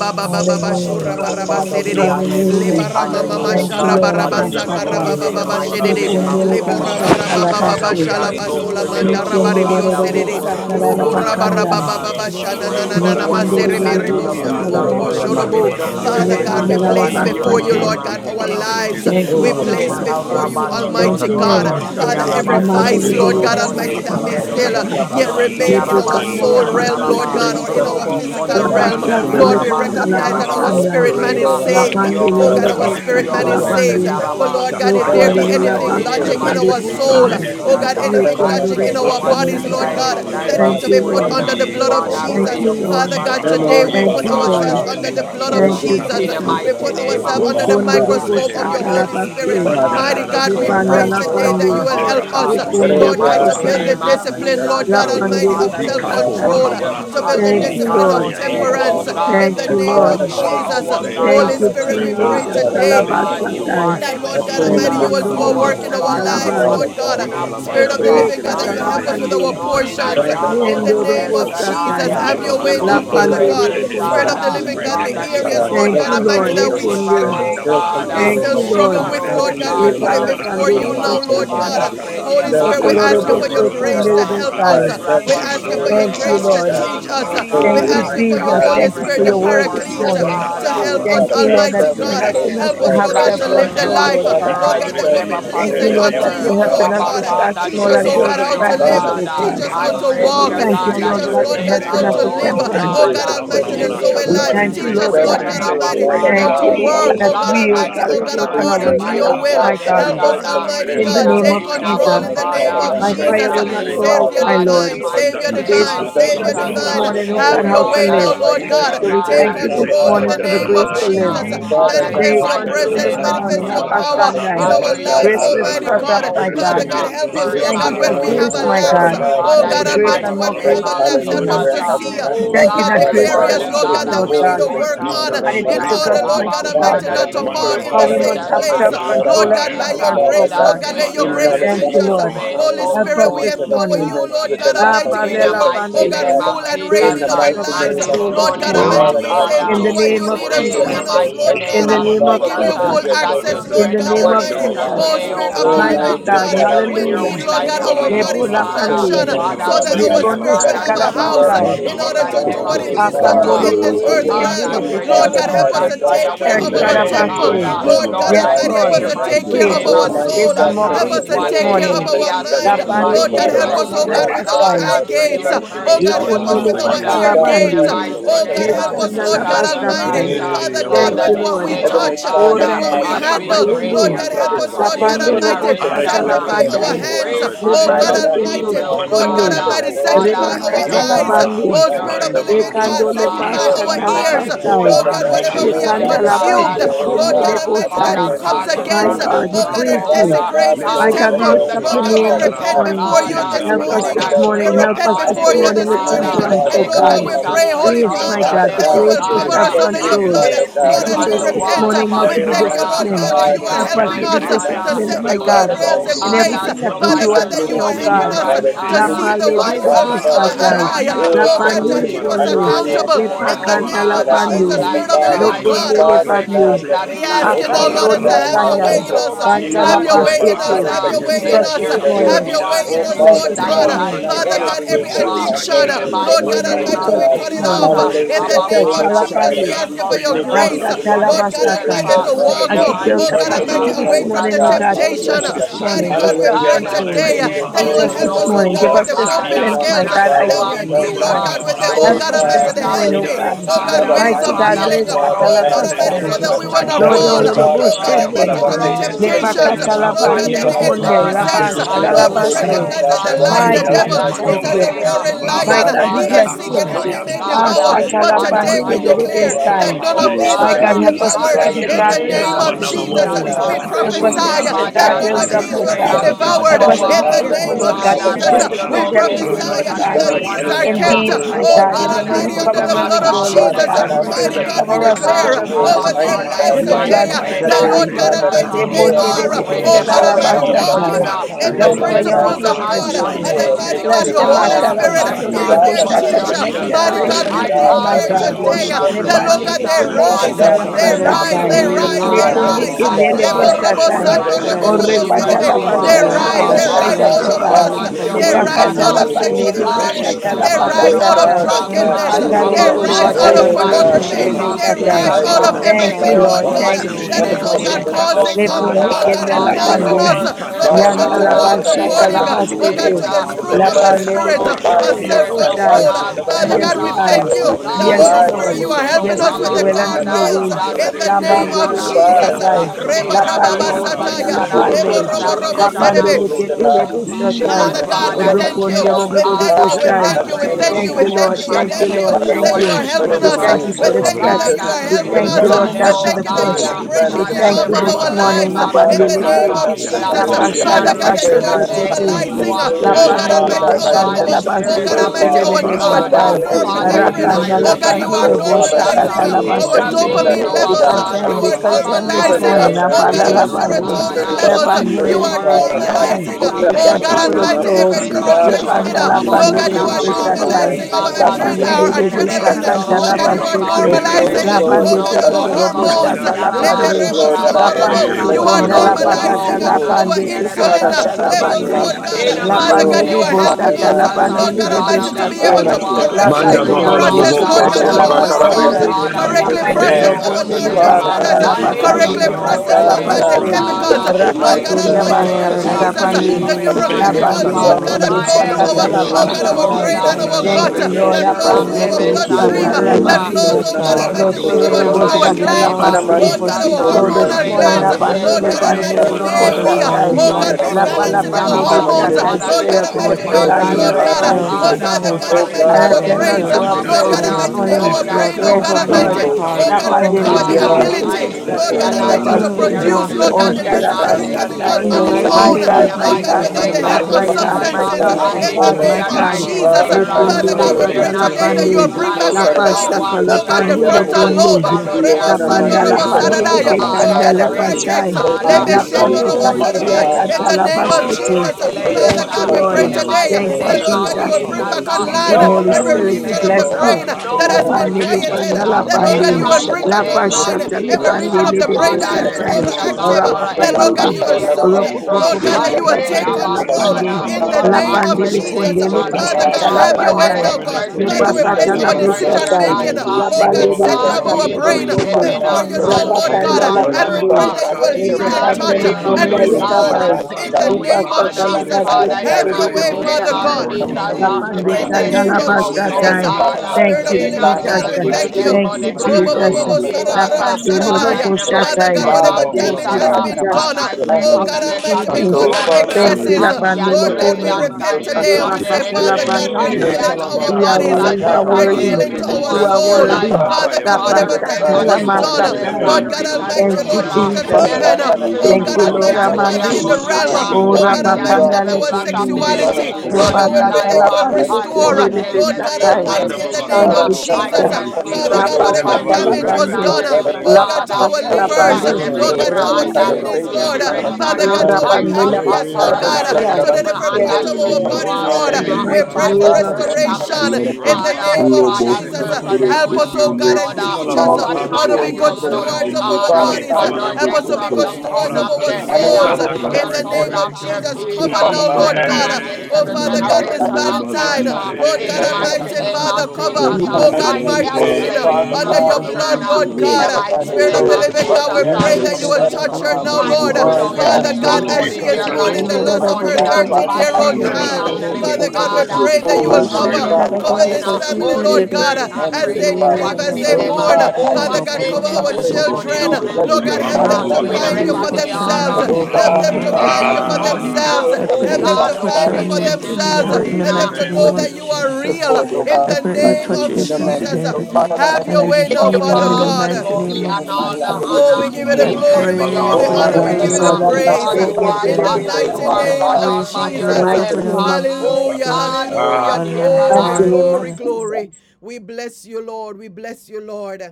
Rabba Hallelujah. Father, we, um, Hallelujah. we My honor you, Thank oh you, God, Lord. Father, this Shandala Vara Abashatai. morning in the mighty Karamama name Kata of Lepondele Volo Kola Jesus. bashatai Father, labase. we are so privileged, Ilamama oh God, vakata that we bolo can kosa Ikondoloroboshatai Lobo condone you, rabba kavarata. oh rabba labakandai. ba ba God. shana na na na Thank na Rambara One you, more korabosha time to the We iya throne of pray in the zavaha grace to kona lift master, up we your pray Father manahavete. name in the God, and we to master, we place honor Mama pray your before in you, name. Lord makasha the God, our komana vele lives. hesi We kimana Oh, master. Oh, place master, Jesus. bosha. we Sheka pray before you, in the Thank rabasion Almighty you, master, Lord. God. Raka we pray torabasi Father, shata in le the every mehe arabase master, Lamande we pray vice, in Lord kalavese. the God. tioro master, kones Lika That la may still uh, nierebe. monodosha yet No we kavarata. pray remain in in the our master. E siarabasi soul realm, kalavene Lord vehe antaraba. God, Prince or in of our kalaborosha. Robo Peace, physical kono realm. Sarabashti, Shala God, I vahana Lord, we de Kurabashti, diantarabasi siki recognize mana that our araba. our spirit man creator, is our La Rebata saved. pande maker, le Sioro lo lo Kono Shandakaya Sarabashti, Spirit bostata yes, man la is really Siorobo Hesamanete, saved. pande Kurabashti, But Siaraba. Lord God, lo if there Father, Shashahida conde be le this Manaka Sarabashti, la you morning in could the have Rodoso, lodging bastata met in le our mighty precious name Mika name soul, of of bostai Vehese oh Jesus, God, Jesus, uh, ye anything Mamakata, I condo lodging lo pray Sarabashti, in we for our our Laka come in bodies, with boshandai. Shoto sister the Lord in night God, this in Malahala the time that of dark, needs Vese, Thank to we be you, put are Lord. mourning. uh. under the Yi blood considered of a Father, I Karambara person. Thank pray you you, Jesus. Hosha, Father Lord. comfort God, her And today oh, heart, Rakati we Thank oh put you, our Father Alamana God. my God, uh, Lord. Vedese, under the Lika Sarabashti, blood you We of have Thank Shata Jesus. are. you, given us the in the Manahaka Jesus. fruit of We Bosha, the mighty put name Spirit, of and ourselves Mama under the Mama Father Jesus, God, Ekondoro uh, Ah, microscope Katavalehe what posha of your we Father, are I Kese, Holy pray, Spirit. dear kalapaste, doing, Father, God, God. Mighty that you Bandera This God, le you we take is know, pray, I panda Ekondorobo shakalabaste, lepanda what am Kasamalosha, is control self of her lapande, so. Leka help heart. uh, us Hashata But in oh the creative. ekondorobo Monohova to God, That's mighty just build the name shai, Haravese, of present discipline, myself Jesus, Lord God, uh, before and you, lapande and Father, oh this God, But Vikato lebusatai. control, everyone morning, uh, God, to under Mahavarasa, the build as the Thank sound we of you, Oh my discipline God, of call voice, Lord. out Ikataya, even to in you, Father our God. oh temperance Ekalarodoso, God, in Thank children, the As you, God. name of God, Lord. because I you Makata, got are is Jesus. our filled Oh with God God, Thank Kasimaneese, of Holy I you, acceptance Spirit, and strength. Rimba pray uh, praise. we Jesus. God, I Oh God, today. Kashatavale we God, forgive you hallelujah. God, them Kalabosha, are Alabashatai. They I Lord Mama God pray in the Mama Almighty, Ebenezer, you mighty Almighty, will walk do Makala ekondoro a name our Rondo work of in posha Hosa our in Father, the Jesus, for lives, light your God, Kavarata, kalabai, of our Lord I ways, of God. got God. stone in God. of the Spirit Ikalavanda of the name Lord of helper. e living Vehekila God, Come that And God, Jesus. you under your help Vedese, Father, us blood, with Almighty this our katalamande satalabai. Ekatalamande. Father, God, morning Sanda give I portions. us God, Kaya this I call Mama In out the God, peace, to that's the Kataho El Yendorobo help Kosho, us, oh Shaddai, Jesus, satai. this uh, Father. have Liva your the way God. now, We Hakama revelation, Father. We put this it Lapande Makata under come multi-breasted the and we blood Belehese, Spirit God. of peace, of speak the uh, lebosai. life, living Jesus, God, the Rendeke Almighty Father, mighty this God, areas, God. Lord shatavala Thank morning Self God I that you, hakala we Almighty, pray Lord. you speak bosha. controlling our life, deliver, Eponde. spending, oh Manda self vala God. both we hakala uh, of God. Thank us controlling still bono our you, Deliver, Lord. struggle eating, with, up self We and oh Lord like God. le We shake God, it, put controlling life, it our that from Limbara before give Lepalakande grief. up hakala disciplining you of now, mono uh. each we other Lord in like koto everything. our lebusatai. Father, God. body. pray, balakata. dear Holy We Self Thank God, Spirit, we pray that Lavara ask you these hakala wrap and controlling, these her for in mighty rodoko grace. God, your so to hope, arms, we uh, kamarata blessings exercise. de. wrap Self in We like this her ask Limana in you your for mighty your controlling, grace, manakala tender you, mono mighty loving God. Lord. koso to arms, name us. oh kamarata. before the We Thank God. Oh, O you, uh. Lord ask you for mighty your freedom, Holy Sikate Father, Jesus. God. God, what Thank pray we you for Spirit, We God. ikata you the your got do to show word bosha. pray her, this these hear? oh What morning. we paraclete, God. to do, help Mandahasala, Thank us, blessings Father you, that God, Come Lord, that Almighty from self us, you you are take God, uh control helping life God. for us Ikasamelekeshi, to and have bridal or self We that to you Ikasha, will self. to live fight the control, never God this, life, Lord leave Mokoto, within Father her, God. or Lord God, you God, that will self will be never God. Ikalavendehe, Jesus Thank control, Rest El you, pleasing. Christ, forsake Lord, and that Almighty Eleon, her. it, you're God, helping us Abba, Father to God, Makalabarasa, start Father, speak Teach it small to us, this over and oh God us. build God, Sahila, the morning, Lord how to in oh the God. practice, live, Father, Ikaso, mercy God, to Lord uh, God. discipline I how You are and to the pray, ourselves We in Ranahasata, walk. to dear your ways Thank arms, of Teach God, you, worship that Lord you you us, God, heaven. at a for Lord Ikalavende take God, Vede certain how helping us to, hour, with control, Kalaboro time oh at oh the temperance. Koso, oh place God. God walk to uh, God. in the Almighty, study Step the way your Zavalavara of We word, Zoe are into We the God. Kasavele life. thank centering you, Lord Krehende Self himself Lord situation, God. God in Vedese, control, Abba, prayer, Almighty, Father how all Thank Lord that Father. you, God, to we Lord God, know. Ringalaboro work, God, Oh that and oh God, hallelujah. God, we, Kavara oh I The God, pray Just will children work for Rakasa, a on in decrease the our according our last consumption. to Lenda lean divine your bills, ups, will. Kalaboro my Father So God. days, God. Self intervention. uh, Almighty Just control, In the Mercy, Mighty God, name hallelujah, God, of to be Intervene, Oh Abba, control Jesus, God, in it Lord, gluttonous, the Ikalamonoto, must name and Father Father. in be of God. the my Kavarakara, like Self a Jesus. name Rende, fire will not of Helevere, Intervene, control, go wonderful oh out, Savior Father, my God, Kasaosho, respect in way Lord. the for in my Kanda mighty Savior we the name Grace divine, of Kachata, teaches Savior discipline us the this Lambara Jesus. Self-control uh, divine, is advance. muscle Hosho, morning, oh and our God, have Oh how your call, God, to Lord, way we I live. now, Father Likavaranda, God. Lord pray, dear God. Likala So thank to we you Vende, God, Take Self-control, thank is that you you this for operate Verese, Father control in God, in the morning Manda over comfort for the da the her da name spirit of da grace da to da, pornography. mind. in the the live. Lord uh, God, name Jesus. we Father Father, of Kararokofo, in God, the God, Manifest I Take come your back Manda pray da mighty da in in control the da the presence, this da name mighty da, of morning. manifest name name Up of your our Jesus, uh, power Jesus, of in Sunday. I God, and Father our pray Manda you da God, Jesus, lives, da Grace da da lifts comfort oh da, Almighty hallelujah. us her for God, up, that the God. we I my do God. Father emotion, living God, Kavarakresete, submit uh, bless help this We us, her Inda thing Lord thank to of you God, you you. the for and when Varada, we have grace, second a everything, life. my imagination. Karohosha uh, Father And God, if God, Kavarata, Oh Father, you for in God the morning, hallelujah. grace Inda Almighty, is and mighty more That name Vahalamo grace of this Hosha help to morning. us to hallelujah, Jesus, Kavarete, uh, see. having not We oh do been thank Oh to God. you the my that God, Father you grace my Remba is God, are a Yes, baba we the God, put Lord it teacher, God God, that of Lord we the before hakamonosa. need situation you God, to this source oh work of on morning, of God, and it strength. Ikate, oh the in God, uh, Almighty teaches rika us, order, God. Lord Abba, God mighty and babokoto. Father the Almighty, God, God, Father, I not to we your blood of Manda say, fall we word in how know the Father, we say that in must it's same Jesus varakata. the have under place. I the time Christ of of blood can't of Lord self-control Lakata, and God, Nazareth. by weakness, Jesus, uh, your temperance, oh Father grace, ayakalamorosa. God. Lord that's God. God, let understand when your We your grace Makaredese, Thank teach you, strength us. nullify it is this Lord. made morning Holy ikamamakata. and po- Help we Spirit, us come we this into potent empower morning. you, agreement Lord with the God the lack Ah, Almighty. of So, in for the substance the and mighty fear, Oh Father, God, security name Father. rule of and reign In grace Jesus. in the for uh, our pain mighty that self I And lives. was name of this control of this Lord God morning, Jesus, morning. Abba Almighty, Father Randa we through. God, say, vala Father, In do the the what name we varokosa of we you I pray do was in valakata. the Just in submit Jesus. us, to our mighty Lord please lives name Lika In to the do of you, God. name this lavanda of Father vala Jesus God, Give that uh, Jesus. Full your hakosa that always you perfect thing access, valakata. will this In Lord the strengthen be God. morning. name done our of in Renda our baba sister Jesus. lives. Father Oh today, God, Spirit oh we of the kalabohoso. pray God. Mighty uh, you living that Almighty Dede God. God. God, Lead I her in pray your varahodoros. trying Hallelujah. this will Lord and morning God, your you our way, in are Marahala oh bodies Lebula Jesus' protecting God. varasa. us uh, holy bandi. function to together name, Father, in Tikala I the so make Father that bende pray, God, name our of spirit dear hekala God, that Lekonesti Jesus that have will a moroso. you you heart Christ draw our of her karabasai. to Randa bodies in Nazareth. and you order our vakara like to We do never minds, what pray it oh that varokosa needs to do in before. God, God valahara uh, Akandolo will, this uh, to varasa. Oh bosi earth away God, Lord realm. to I kendere you, God, pray you Lord Father Hey! God, Almighty besatan. store God, help that us that Father. to fire Father take God, care So, of And within your her, Lord our oh purpose temple. God, Hey, will God. karabasai. be uh, Almighty, done Amano Lord we in are God our Lord, Yes, not I lives, Almighty, be Shakavata. pray help in Lord. us the Father to God. tempted, take O mighty sense care Grace, of name Oh, Lord we of our of pray Almighty God, for our Grace soul. and God, Jesus. more sister Almighty, uh, touch who just grace and this what lost soul a the Take because in care loved our we of morning. one. enemy our places has that La mind. we Lord, are meant hold go, for among bandi her Lord le God, with the last of my your life, Father, help evil. what bondi us, righteous le we oh right la that God, watch, Oh with this our God, Father basai. thing. eye I God, in pray the hand. gates. you Lord, mighty turn Oh it name God, we of are Let out help her for Ikunde us know le Jesus. with that good our you are uh, the ear Father way, God, in I the gates. the bakalabandi. got truth, in your and the there mighty life, Oh because God, name Lord. I shall help of thank us, you be Lesanda for la Lord in Jesus God standing up and the that the we Almighty. Christ. world, uh. listen to Hey, Father Lord Amo God, Thank Father, forever, you, with God. this what Father we Lord. day, God. oh Heavenly touch, Shakavats. Father, God, with oh Ora uh, what God, we Yee, papa we as we papa submit handle, Navana pray, Voro Amen. yende. dear everything that help God, is us, for La for Shakavarata. the Lord this God, pertaining pando to spirit of robo each and I shata every generation, la giving uh, one of sanctify us katunda our we pandai. boho before hands. you. pray Le for samete for Oh the the God Father pande revenes. God young God, Almighty. you you for kendo people, know us, oh you Manda Lord know God the God. each varo sukondo. and uh. Almighty, boho every for us, Father, kote. I your sanctify Lord. Repa pray our kata Father you la all God, of eyes. Holy call by Ikata. name, pande. Spirit forth Oh this. by to your Spirit help of Landa number, the E you remnants, Living know God, you varosa. the and oh kando the le number God. grace of here Uh, on pasha Ikala our our not vende la head. call to ears. it hese. And accept pasai. forth the Lord Father from Manda God, things God, the you you E whatever we know, east, Thank have, barakata. can kanda west, Father la north, Ikate. God, and basse Ikala where do Lord south. kende God, God le uh. rodoso. you Almighty, have Father, bosai. influence comes Nakata. you. call and him for My the from against. the God, comfort. we Palamorohosa Oh Keep spirit trap God, of spirit of But praise that kabarete. house. faith you. Father uh, and degrades God, for Leva this Call My kindness them those God, temple. that we my are from halarondo lift the up Lord kura your God, crockhouse, almighty God, name that I mind this will oh barakarata. to morning. before turn, God. you you uh, this Linga feel Help on including us morning, the Lord, I this safe. heart myself, halaborosa pray morning. Lord. and you Help us kabarata call I this them, before pray you oh this morning this indihese. in with God. morning, uh, the cooking temperance, Ganda Father oh morning, spirit Make and I Lord roho of the Lord an God, God. God, be we with koto. pray, you. hallelujah. Holy intercessor Grace, Nakila out my And of Father, Father God, them, the that the God, you oh barakata. feed that grace Lord will you for be cover God. with would Linda self uh, us you. under bless The your him, rakere And blood. control Spirit hese. Father of place the them God, Lord, as Igala Holy Teach God we on the us Ghost this hallelujah. be wall mokoto. repent, of morning how with our That to Lion be Thank you, Father. Lord almighty Mandavaraka, you. disciplined. God, that And My God, you in are the Help Ikala God, us helping my to the mighty be us Lord name of Mendeverese, to Father. God. disciplined, set Jesus, the my Use Saravara God, Father them, God. goals oh doesn't in in even God, know Thank Colorodoso, place. you. do as everything word. that your we We Father do in God, mighty and that submit you say, it Mandavarakasa, your are oh sword to in God helping God. you, your Ikala right does Father. us La hand. to Submit uh, see situation? it Mendehese, who to pale the my de de cross, will God, be Um, Akasa, God. Father our my We God. know ally. a Father, Yes, La Oh, God that is Oh Sahila what I God, pande submit le pray it, you you so ponde. draw you- hallelujah, Kasimarekese, them accountable. Le forth, you In the nice oh hallelujah, pakanda to la said, God. Mandavarabo the uh, um, hands the of pande. Koto, of the way Spirit Blind you of the their do Father. living it, eyes God, Vindavaraka Lokonde um, le towards Father you God. just say, God, pande. anything Laverekese, that that we is the you, And ask it's you now, enemy Almighty just Lord, of um, Sandavaraka to La but Akatoria one God, you. Honda have Uh, your it's way kandai. in Borosha, hallelujah, Oh us. my we Manta will just- la Ikala Have God, need your your my way help, in Vandavaraka us. paseke. name Father, I of Have because Father, your feel we way Rendehese, Teach more in lift us cannot to this do your the it God. us. ears Have alone. morning. prayer. your Sahida, way towards in Oh, In us, Teach us fact, anything Father Lord this you that is God, the know, I God. we do morning. like, not know. um, enemy Father want to of Rambakasata, do God, you. it every if on you are Uh, not our addiction, in the Shashahida, own, yourself, but Lord then mighty you God know, name Almighty to Teach Almighty, of be us Mandaraboho a we God, this cut Jesus, it Kotava faithful off morning. uh, man, you in Kavarese, hallelujah, the have Abba Teach us. to name of be glory Father, Jesus I with to God, pray as I Alapande. they Shashahida, we you for come just your to submit and know La we yourself. grace, you feel satai Rindavakalaboro and for la we bless Lord God Koso, stretch your themselves. basatai. Almighty, Uh, ourselves, to But Father in walk, As the if God. we Shashahida, oh it build is mighty oh Help name us, of capacity faithful, Yes, God, Mandavalaha this away yes, from. then Almighty you Jesus, morning, oh uh, God, can God, do it, Kondaborosho, teach us yes. hallelujah. this addiction. you can morning Mighty do for it, Shashahida, God, Oh we self God, Hallelujah. And I I to control. you pray day can take uh, Rindavareski they your that you come Teach will grace, us to do this help it, us, know Mahalaboroso, oh you, morning. God, Give you hallelujah, oh us from God, can coping Shashahida, uh, disciplines, do it. my Atlantic skills. uh, God, not know Father, Bakaredos of ideas, oh you regarding Lord that. God. uh, God, Kalimahaka with the, But by him oh oh Help the Varasa, Yes, God us this Almighty, God, Spirit the we of say morning, the oh healthy, Shashahida, that hallelujah. living God. oh God. the God, That a uh. ways Mighty name of God, Father, Sandalaraharos mindset, we dealing, uh, pour of Father out the oh God, God your Kavahalavese, government, Almighty, katalapastai. so Spirit that hallelujah. we will upon that not we That our Lord, Shashahida, oh fall Lord, young establish Lord, Lord, Father people. God, Rakataya the shende. to Pour the Harabako out master through the Manakavehese, your Lepa temptation. community self Spirit upon control, katalapande them, Shashahida with Father oh God. leponde. God, uh, We Lapa Rakatia do do and Lord, not we use so them, Robokosaya mighty shadalabaste. confidence. oh recognize God that God, for the what for light, We we My are your have the the Shashahida God, will we God and devil your thank is your as you. a way. children. Mandavalaka Uh, roaring light of My Thank lion, Abba, Father God, uh, Savalakate we God, Father, sovereign as bless we and use can you. them, submit it only Ashtataya he oh sovereignty to may you, Ah, that God, devour, uh, Father, can it but Shashahida to defend will the Father, thing not shatalapande for be a kingdom. your middle of declare Mandavahoko name's lelebestai. that sake, none our Give oh of us Somahavarehe these the Father My you. will God. God. God, be. uh. help glory us And to Father, for in keep Father, Thank the in the In Shashahida the God, you. the name name the of guardrails name of up of same this Jesus thing, right Jesus, Repapako now, Elavanamamoko Jesus, morning. self uh, uh, I we pray Tovaraha Help to ekarakoso you use us In to the loose their prophesy keep uh, name. the your and tababako body that kalavarakata. as none stand and a guardrails up, justice. oh display almighty yakatako of God. Shashahida, God. We your have devoured. Help us ekarakoso under Father to the power. be In God, Zavalabara the city, that tababako careful, Oh name oh Lord of God, God, Koroboko, Father to I be we ekarakoso God, pray have you you We made Sohavara disciplined The tababako hear every we locate have Hakata, day, each Lord goodness and almighty ekarakoso prophesy God. for that every God, us, one tababako these of Shashahida, Hallelujah. are them. hallelujah, uh. kept, we Indeed, have Limbara my Oh made glorify oh God, yakatako you God the and in God, the when I name Hakolamonoko, we Almighty, of ekarako goodness give come under for them and the Jesus. when a we blood of us. Jesus. ekarakoso go, sound Tokavarakata, to Lord them Father Must God, as tababako be I God, pray Mighty that done at the Shashahida, God, we cover us children, rekarako declare that under encounter. the shita Kandaroro pray, the Abba, blood, Koso over tababako almighty their Father, in lives God, under the the Kavarakata, today Father, We blood, mighty yakatako name that mighty Ikalavinde that of oh are God. Lord ekarako Hese, God Jesus, Father, that the Almighty, you uh, they blood pour rekarakoso of out Lord, Lamboraboko, your are, tababako So, Jesus. sway spirit, oh them God Father Almighty, away, ekarakoso God, oh of Shashahida, upon tababako God. them, Lebonelelebetelalabastatai. Jesus. uh. and you and the Bless Block Help said Akalarondo The me, in our Prince the them repapako Hosa young mighty blood from last of of the days, people I you this God, ekarakoso will Kavarakata, stop shita the and pour morning. the Jesus. out Ikate, your enemy, mighty God, oh Bless of your spirit them, Jesus on Christ. God. ekarakoso Holy all Ikate, Uh, flesh. The I tababako Spirit, blood call Ikate, the of Father for ekarakoso the God, Atalapandoroboshtata, Jesus. box. the young teacher, help next tababako My Shashahida, them, people. God, mighty Do God, we generation almighty the the to I things Hey, God, come, repapako my call just to him Kasanda God. do hallelujah, forth blood say the to ekarakoso of from the that Volokoto. things. revelation. Lord Lepane Jesus. tababako pit God, uh, they The rise, Father ekarakoso leponeke by But blood the of God, mighty put Lekatata, God, Spirit tababako them they I in Jesus the of the that rise, Damina talabasatai. they place pray, died that living Koto, you rise, Lord they God. want Iakatako against rise, Uh, them to, Leponeke us. Ramba I Father Jesus, ikarakoshata Kata, call God. him Robo forth nelebesatai. babakore The Father, Santo, from Ekelavende that the I even Robo blood of pit would Hese, if Robo, do karakoshata the even Orepata some they Jesus. now. Bambala things do Uh, babakore that not you they labashata. are Hokoto, The rise, Abba, blood Mary they understand, but asking rise rise. Father, of up, karakoshata and O Father out use Of Jesus. Rabakashata, God. them God, calling babake. My you as for will lust, your me they teach to Lord, rise Lekalavanda them weapon. Lepakanta with Uh, the do. Holy Iakatako Holavoso, lapane oh Spirit. not of God, E use deboshata ikarakoshata them They Kalavanda as babakore rise your Oh, out lapatatata. of Vavakata, Father karakoshata backlash. e I God, Uh, drunkenness. the pray, of babake. oh the God, Ekatabala They that Abba, hallelujah. as I day. rise Father, out Repapako in obey Hakodorosho, the of Oh, you, oh God, mighty God, and your name I'm ikarakoshata of In at Malahava, pornography. the Holy of babako They Spirit Jesus would day, Akaleposhakalabaseterebesatai. rise ikarako Jesus. come Christ, out and uh, of may the Thank Let everything ikarakoshata alongside you, Zavalabakata, your flyer, and Lord. babake help Father. power Thank me, you, ikarako oh in Oh, that Rusele, the day, is, display to oh Jesus. ikarakosh submit within God, God. Ikavarosa, them, in ikarakosh themselves oh causing to them, you, Landa the God. ikarako. Father. oh God, God, and and not Valakasa, and Father, the causing, your give Iapapako Ikate, Leponikendalapande. us known. word, ikarako Ikate, Lord oh Father ika God, not God, to ikarako Father, oh Mahalavoso, God, ikarako do in ika the not according discipline ikarako Ambala last submit ika to ika to days, Rokoto, Yandalabashatalabasete. uh, the the ikarako you Father fruit of ikarako will God. the Vahavlehese, ika I pour ika will out ika your rise ika ika of Rakatia above spirit God, ika ika upon rise Lapanlelepekendeloboshai. self-control. ikarako our Kavarokoso, above the Father flesh. Yes, Manda God, active we uh, thank God, Bavaka God. you. Oh God. Tavale The God, Yes, Holy ikarakosh your Rise Kalavondo Spirit, word, Lord. you are Kosa, against say, the oh helping Yes, us to nature Rinda with your the Abba, will in and Valaha, the to your Father, Lavala guardrails way. mighty that name of in Hakalade the Jesus. children name of ekarako Kese, shall ekarako have Lambara Father Jesus. dreams, ekarako uh, Labandelebosatai. God, Hokoso, ekarako Reba Valaha vision ekarako raba and and old Kalavata, ekarako the man bataya, reason shall ekarako for have Lembara your prayer. lebo Lapalelepatalapandoi. ekarako ekarako dreams robo and Rakatala robo ekarako vision. Vekala sere. Reason from uh, the for Ekara the Monoroso, love, one reason E for great Lapandelependelebesatai. and mighty God. We God, we Father, the Kalavanda, thank thank you, this mercy, day, God. you. oh We God, thank uh, you. Father We E Oropondelodoloboshai. I God, thank the you. We pray Kasanda enemy thank your is Thank you. Lord. We thank you, Bohosa, you power not Lord. We will just love not Thank you, them, God Lord. manifest in Father for Thank that us. God, our you you. are E young Thank you but in helping We the us. Kalavona people. thank for mighty you for Bosa name the us. Oh of stretch. that God, Cabarete, Jesus, you I we are We pray plead helping us. the you thank Lord, we blood you, of Mama draw Lord them, God, Jesus, Mama for oh the Kata thank You God. push. against are uh, the you, Bohosa, plan We and Lord breaking the Father, it attack in thank the of off you Jesus. the of this our Rembara mighty enemy. name Thank morning, lives. of you, Kalabosa Father Lord. Jesus, In God, the Cabarata, Abandilipi. uh, name of help We are them, block La bound Jesus, out to the hallelujah. Pasha, La Father E do God, That handwriting they're of Kasanda not, the Koso. The enemy Pashikete, hallelujah, glory normalizing, of towards God straight La their oh away, and God, life Father Pandoro the Hey, uh, God, light by of the the our by Kasanda Boshanda, La the fruits of Koso. the Spirit people God word, and of the the Basikete, Almighty, Father. light the our living and And our Thank Anda God. uh, Buru Besatai, Father, the Koso everything Father, way in that's norepinephrine. the they Bahakala Arakanda, greater take La mighty is to Vendehe. not You name are of Bandile full, you. Father Let Jesus, God. normalizing the uh, Boshakata, La word Zavala Teach of Vala them God Basete. that, intervene, Karabo be oh dopamine Lord Koto We in oh God, Vala us God. levels. and You contend, uh, we are Karasa. in hallelujah. the Abba contend this Open Father, Ekala normalizing, their people. morning, eyes Vende and oh they God, Vehe Apala say, intervene, La Kela Holy Give oh Rodo Yatatako them a Bandi, message Hozo God. story La about Koto. that ekarakosheta the I we levels. will pray Bandili You discernment, babakem. not are for Raka a Father God. divine Manahave Bosanai. normalizing, forget. Yatatako In Kesila the We oh thank the mighty you it God intervention. for ekarakosheta Manavarata. the name of on Almighty, the babako souls. Sanda Jesus, Holy Reba Vala Father Kala Spirit. ekarakosheta God, Sion Yepanda they Rodo la do babake neurotransmitter. Sorobo not Koso Lord pande have Holy God, de to you de Spirit, are normalizing ekarakosheta feel Siaraba, Makavarete. take besatai. babake. me Almighty up. our Reba Ikala The La God, Manda adrenaline, but Holy pande they de our Casien Boroso de adrenaline. Yatatako can Terebe stand up Kavarata. besakanta with la Lord ekarakosheta God, Sioroko you Spirit, Jesus. Eka are Reba basete. babako Oh, take Sekilimi Kala glorious normalizing me La Sierebe, ekarakosheta up. Lord pande de Boroso. God babakem. todo our Nosso de de Almighty, Sorobo oh, hormones. Thank Sashahira. Yatatako la you. Siaraba, glorious pande. Lord ekarakosheta that our La Rabba babako Holy pande Ghost, Hey, Casa de You Oh mighty are ekarakosheta ponda Kasanda are Taraba la normalizing God, God, babake. Rohoso. we help do pakata Sioroko la before me you. pande Ripapako de Nasierebe, Father bokata ekarakosheta insulin God, la levels. but babako to pande. last do the the in God. first the La ekarakosheta right Father year, mighty pande God, babakem. you things, de are name Lord of helping, Father boshata God, la Jesus, Ripapako your pande uh, Lord de Jesus. God heaven de Almighty, Father, to ekarakosheta we be O give able besatai. babake to you mighty all God, the I La pray correctly ekarakosheta in the Gluttony glory and babake katolon has name de of all to process, the Lord Boboko Jesus, God, shekata shed ekarakosheta our la honor. go. my blood babakem. Abba, that phones, I basatai. In the Father, we La comfort correctly mighty to E bless Yatatako pande name your process do heart. of our bonde holy le ekarakosheta nutrients, name. Father Jesus, uh, babako help bakanda me la God, I to lift do bakande up correctly ekarakosheta hallelujah. le your my basa babake. holy la Father name, part. God, oh base. grieve God. Yatata Rakavara the chemicals, For ko uh, prayer, Lord I ekara mighty to look Rakaturia to kushata God, the give babako her hills Lord, Kavarakase. basata I from la help ekara to Jesus, the whence pande. grieve, kushata cometh pray no E babake. that my hallelujah. your neurochemicals, help. Holy Kasana uh, Lapandelo uh, Spirit Father God, is Monosha. Yatata My that konde My ko flow through help God, ekara in invading sakata our, Si comes comes the every from name oh kushata the of from God, the our babake aspect Jesus, labashatai. Lord, Kavarakararosa Lord, of brain uh, and Father, ekara my uh, our kush the Manakala Thank gut, you, ekara life. Vende makes restore, de the Lord. heavens kushata creator restore, of Help through me babake. not Lapandelo our to restore, heavens Give us and the bloodstream, the withhold pushatai restore, Yatata earth. ko uh, grace, anything, yapandi. flows, restore, ekara oh and oh I'm kush God a you ekara God, Olo ko Almighty, through know, tolo Bakadoska in our, ekara the lobo but to our give sheep, mighty Mahavesi it shata kushata glands, name all and of I'm babako. And a Kivarahoros, lapase. Lord over God, to sheep, Jesus, the our you, Lord, Spirit this hormonal give that morning, Rakatia Ma to of God, Jesus. glands, Rebastien her, Lord kushata lapandele God. mighty Robokosaya, Use Teremes babake pandelo God, every ekara lobo May part and of we, I'm Manavaraha a kushata my shatai. Zakita oh babake. God, Jesus, Yorokonosion life, be God, melete your sheep, Lapa for Toromos balancing own your our Son, Ziva Yatata the lapandele have ko Yaraba. mercy Prince hormones, Halaronda on ekara of the shatai. glory. Father, children Lord Peace, that kushata this Bohosa, Spirit God of the the you Almighty. Lord, are morning babake. living not as May we, empty children God, I who me hear of need Lord Mandana fifty, our pray, life, oh God, cry Kahuna Spirit the self this of God, and children. uh, Murosa Father morning. God for Oh selfish rich Kavarete, God, Almighty, And God, thinking to our and of and attend follow brain, heaven, empty, Shata unto help our selfish Abba us Jesus, to Damina Yatata Lord in ko prayers live God his through Father. this Hakoto, ekara desire. the Almighty, may example, morning. our darkness Lord, Lekra I Lord Lord, brain, and oh pray Shata Yes, God God cover La be for my moved, Lord. Almighty, ekara Almighty. Mohosa divine oh oh heart, kushata favor, Kavare, God, Jesus. cover oh babake. and Lapandele my Who's the Randa God. the uh, pesete Spirit help Valaha heart. Ekara us of I recoverability, lebe to kushata the That decree Lord the shatai Kalaburoko serve God and babake. I us, Almighty, mind Varahala of and the In yarabase. declare Yatata Christ uh, strength, ko produce, Dehese, will the Lord Oh, God, that ekara the be strength, the in they're Mika us, kushata not in family. next our babake Tohosu, shalabasandai. year, miracles being, ekara the on its where kushata mighty Vanda Noah. My Almighty own, there's name hala babake. In God, God, of the my have sacred God, God, mighty Jesus, Hallelujah. in mercy without my things the zukovro name the on the of God, mighty help Jesus. in my of the name God, university, akatele of Jesus, for heart my uh, the in God, I Hallelujah. my unhappy ilarado Jesus, Satan, God, God, decree my and kosomala cover God. I hala Jesus. my vanda Jesus, Father Le Where declare God, uh, there's heart, you ponde, Father God, sakala le Lord could that we sacred are pata, vedehi have la not things kilarodo may Jesus. next you pande. in in hosu you that bring light, know, back La kavra on God, dear life, about kata you pashata, Noah, could la have oh God, that likala heart, the pande, we vono lo are Santa not other hokula ponde. Lobe, vade you tomorrow, kala feel Robot, Rebo dear La kind of monoto my Santo in panda, today. la Uh, vanda secret of pande, le oh my baraka Saradaya, God, heart, oh savala out God, I pecanda, of la kala my pray, I vede feet. dear pashai. hese text, Oh God, God, uh, Lebe La you lika love no Shendo pande, shata her, Robo more Father manda catoria, Sabai, God, delays, and canta, boroso i uh, la name of vanda no da pastete. more Jesus, kaso Safari delays Father Thank God, you, vanda uh, da da in yavana Lord. the today, mighty Thank you, vachikorera that vanda name da Lord of God, you Jesus. bring kaso Jesus, kuporofiti back uh, Sweet, vanda online, sweet da no Holy more vakadai Spirit, kaso we the delays. bless vanda da Uh, you. brain da da that no La kaso has been, more pande, le mashika eka delays panda, la uh, shata in that the pande. you mokora will vasandiya bring robo mighty La back online, name koso vapekore of of pashata, le kusiya every Jesus. pande, region uh, of le the de Tashkahira, Father, I brain eh, pray, besatai. dear veunaidzidzo Kalavanda God, for Rapa, an overactive, that sekorera Lord papa, God, Barakata, papa. mashika Runda expedient favor. soothe. Baroko, so Lord God, that I rarabasandiriya Ropopopopopo you the le would pray, Kavarakate, take pata Abba papokore la Randa vachi control pande, Father, Barahala in the for Vanda la an vakati name name of of pande le so ponde le unprecedented Sandala Father pastata God. la favor. in Have the Barakata, your way Father, pandai, now, kuyaweravacharadakavati God. name Hekalamanete, le Father, unprecedented we of E Jesus, pakata la resubmit favor Kalavanda that in ourselves in your the bestatai, life. Bovokoto, mighty uh, la and oh God, Renda that Oh pande de God that God, stop we our bestato Vavakalavanda ro favor brain in Baroko, Pray, Father konde, heaven God, before uh, you your Stakavalata, now, and process Lord e will favor be rapakanda God. la on done. Kasanda earth. pande, Father uh, God, You Bahakata, that will Oh your heal and God plan will repetanda Rekate, come le to favor Manda ponda with experience in God Baroso, restore our in yarabai, and lives favor li the with Sasahira name. pastata Makanda manna. la Garese, God, Father, of we and in I El the bastikite Have can de your de become mighty way, a Eleon, this name Father husband of bestatai, and God. In coming morning, Jesus, Makaradoso, over la uh, oh pande when everything God, the that they Rabako you tanda name of la say we step is out, just set oh us exist bastatai. Shakalamanekele, apart, God, the uh, God. Thank Spirit kalavanda, of you, the they're in Living not Lie a and Jesus. God, gonna we see lie thank Vendeveres. you. them, corporate Thank and but you, world they're my gonna Ila people, Jesus. see and monosha. I got La looking my Jesus. uh. at sister, pande none lo of Father, my robo in the people. Father mighty shatai. God, here name Handa of Father, whatever today Thank bakula damage you, Jesus, has God, uh, none in been barakata. my Jesus. as done, the I people, and I and pray got oh for now. Thank God you, Vanessa Almighty, For you this Jesus. because control. are of morning, Father, the uh, God, Thank that excessive, word you, Hey, I of God, Lapande Jesus, you kasanda God, cancel Lord God, are I the every pray Loponde. barosha. them, repent God, unkind assignment today unto God, and of we the say, goodness, Lepakata Lord. Father, the enemy. This I Lapandai. Hey, is heal into cancel our every kalabara You magnificent God. bodies. are Father you kolabosha God, are assignment of We how the much kavarata. worthy. gave your enemy every to our name, You towards hindrance, are your God, soul. spirit, life. worthy. Zika Father and uh. Father taya God, be God, Father, for whatever monoka. Lapashata damage remember the nullified this them, was, six Rikata morning in all the bere Vanessa Lamasatai. mighty and Lord things God verese. Rich Hallelujah. name in of and our Almighty, Thank God. you, Lord, Ramana Jesus. Zamora. mana Jesus. Father God, even, uh, kolabosha. Melanie God that is you oh Thank Christopher, Mama may able, God, you, of mama come Lord Father kata God, higher to to DeAndre, and give Amandi. you, balakata. us the realm, mighty Motaya. Randa everything uh, O that God, oh we God, I balakala and need cancel draw Rapakanda of every for verekese. our plot closer to of the you, Leponde. you, Sanda Lord Father. sexuality, enemy We will balakala God, Lord towards God, be we from their the rodoso. the Lepakata life. Father uh. God earth, in I the come restore, work Father Lapastikende uh, God, of against Lord from do, God every Father the Lepesatai. God. Randa Almighty, in the baba incantation. name journey. Thank kala Father uh. of you, boroko God, This Jesus, I Jesus. as uh, we day, cancel sabalakata. it commit Father our right this God, now ways day, Renda by whatever to Lapasata you, the O bala Lord, kala this Spirit is day, lapandi, of Father bereke done, the uh, God Living oh sebelekete. Almighty. God, God. to uh. strength our lapakata of Help We us our on livers, our lapandi, bind uh, Shivala Lord every secret of Creator, God, evil to to boroko our our be se eye had rapandi, of that Lord kidneys, look faith, your kabarakata. O Lord, God uh, God Almighty, direction. Father Almighty. in oh uh. God, to all that I There's we a rapandi cramp do. and us, lapanda purpose Hey Lord Help us, God, in kala paralyze uh, Father lapaya. every boroko God, the the evil so. to different hand strength Thank that parts commit of and you, the our stretched Lord. next bodies, of in towards the all Lord. that In them. we the uh, Hey do. We enemy. kala mighty pray By for the We name boroko Father, of so. should that Spirit is be of that the Jesus. restoration Living that you. in triumphant. God, the mercy, Ramba uh. God, name kasha is of Father, Robo is kavale Jesus. kala is circle Fitro them boroko Help us, sha. with Kote oh your God, and blood. Si Reke uh. teach kala us small Puya baba Cover group them hala how to Kote. under before be you boroko good your blood, And today. oh stewards sabarete. then of make God. our Father, Uh, me a Mi bodies. God, I Thank kavana anoint have Korondo Help mano them us to mercy, be from put moko Kote. good the so on stewards crown mercy. of My of kabarata. our their I God, head don't help uh, souls us, know, Sanda to but kala Lord in the I the reke God, sole have name help of of bere us, kala their Jesus. feet. monosho. you, Jesus, Cover Uh, Father now, help us, God, I Lord God, come by God. Jesus. Hey Jesus. against Oh every In the But Father kashanda God, Father mighty Miss God, balakata. name help generational me, of Valentine. curse uh, Jesus Lord Almighty in Yes, God the God, Eh, Almighty, mighty Christ, name Hanamaki. Father, of cover. You, Kasanavalokota. Jesus. Uh, Witness Oh to God, I that Hanamaki, cancel oh, God Martine, every Eh, Father evil under Almighty God, your and in pattern blood, uh, your Lord Kasanavalakata. you in will. God. the Father God, mighty the Spirit Your name of the Robo word, of living In the God, Father we Jesus. God, Uh, name that pray of that you comes will right Jesus, out of touch my her Kala mouth. now, Lord. I Mighty Lord. pull Shukumanata. God, Lord down in every God, the Father God, whatever name as stronghold the of she in is study their is, life mourning Jesus, the this loss Ikasanavohosha. of Almighty her morning God, uh, that 13 by Father, year the I you old pray in now, the Spirit child, of name the of Father Ranavalavohosa Living Father God, God, Jesus. we God. uh, Makabrete. give pray that God you will oh is God, Almighty cover, Sila ready this God, to cover Father, morning, this uh, Hanavorosha that speak you family, Holy Kavarata. for Lord take God, Spirit, the mighty I run as God. pray you they Father. In grieve, the as overtake But, they them, name oh Cover, uh, of mourn. God, Lord I have Father Jesus to God, Jesus, miss overtake cover Christ, my my them our for this ways the to morning, stepmom. children. Father do the Holy God, the Lord legwork, God, Spirit, young help Mamba Lord, Father them uh, I lady to baba God, pray that this that you find wherever would you you for morning, kalaboroko. they do. touch her are, and themselves. that uh, you mighty Oh would God, Help heal God, them and if to locate her, may I them the oh find had you a blood this for of limit God. morning. Uh, Jesus themselves. Ah, stored I up, pray oh Christ Kasna that Help you oh of them would to God, Father touch Nazareth, find her God, Nagasa. you and locate for you we, them be would the there's this heal no themselves. Father her way in God, morning. you the In Help the Uh, them can to mighty name oh know name of bring it that of for you Jesus. are to real Jesus. forth, oh in Father. God, I the pray that you We would name touch praise of to you, the Jason's Father man. Jesus. God, So for head your Thank Father God, I Have and you your sister thank you, would way give and now, you Father heal God, him Father for in all the for and the God. God, mighty this glory name of and in Father, my all the in life, for your Jesus. Oh, we honor. the give teaching you the I We name today. of glory, bless we Baba give pray your you Oh the for Jesus. haba your holy honor, Father we Uh, okoso God, give I name. you bala so the uh, blood that we pray, to praise must Father, For take bless you cover it everybody are to the come God them. best. and today, you mighty That's you. are I Father my name God God, of pray all for by a the with you. an blood Jesus. mighty covering yourself. open on name uh. my of Oh Hallelujah, Jesus. sister, God, you are Ah, hallelujah. on the her Glory, Mighty everlasting. heart. name of glory, glory. Jesus. We bless you, Lord. We bless you, Lord.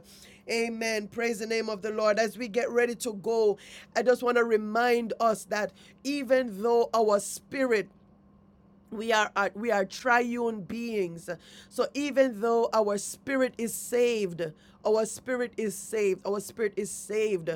Amen. Praise the name of the Lord. As we get ready to go, I just want to remind us that even though our spirit we are uh, we are triune beings so even though our spirit is saved our spirit is saved our spirit is saved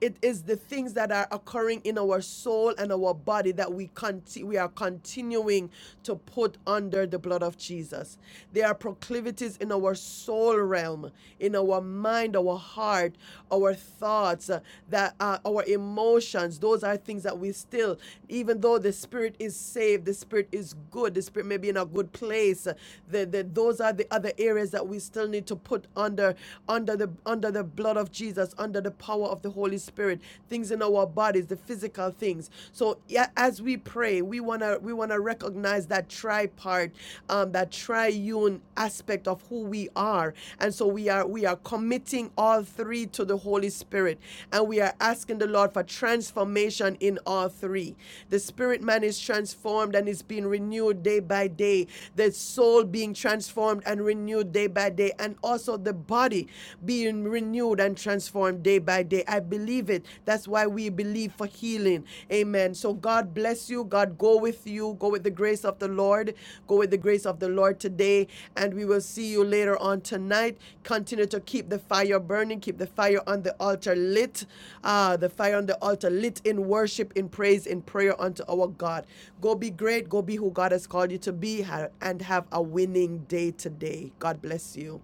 it is the things that are occurring in our soul and our body that we conti- we are continuing to put under the blood of Jesus there are proclivities in our soul realm in our mind our heart our thoughts thoughts uh, that uh, our emotions those are things that we still even though the spirit is saved the spirit is good the spirit may be in a good place uh, the, the, those are the other areas that we still need to put under under the under the blood of jesus under the power of the holy spirit things in our bodies the physical things so yeah, as we pray we want to we want to recognize that tripart um, that tri triune aspect of who we are. And so we are we are committing all three to the Holy Spirit and we are asking the Lord for transformation in all three. The spirit man is transformed and is being renewed day by day. The soul being transformed and renewed day by day and also the body being renewed and transformed day by day. I believe it. That's why we believe for healing. Amen. So God bless you. God go with you. Go with the grace of the Lord. Go with the grace of the Lord today. And we will see you later on tonight. Continue to keep the fire burning. Keep the fire on the altar lit. Ah, the fire on the altar lit in worship, in praise, in prayer unto our God. Go be great. Go be who God has called you to be and have a winning day today. God bless you.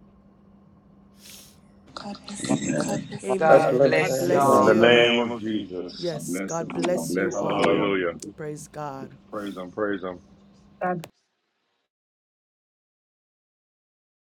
God bless you. heart. Amen. I God God bless bless bless God in you. bless everyone. the you In the name name of of Jesus. Jesus. Yes, bless God God bless everyone. you bless all. Hallelujah. everyone. Hallelujah. Praise God. Praise Him. Praise him.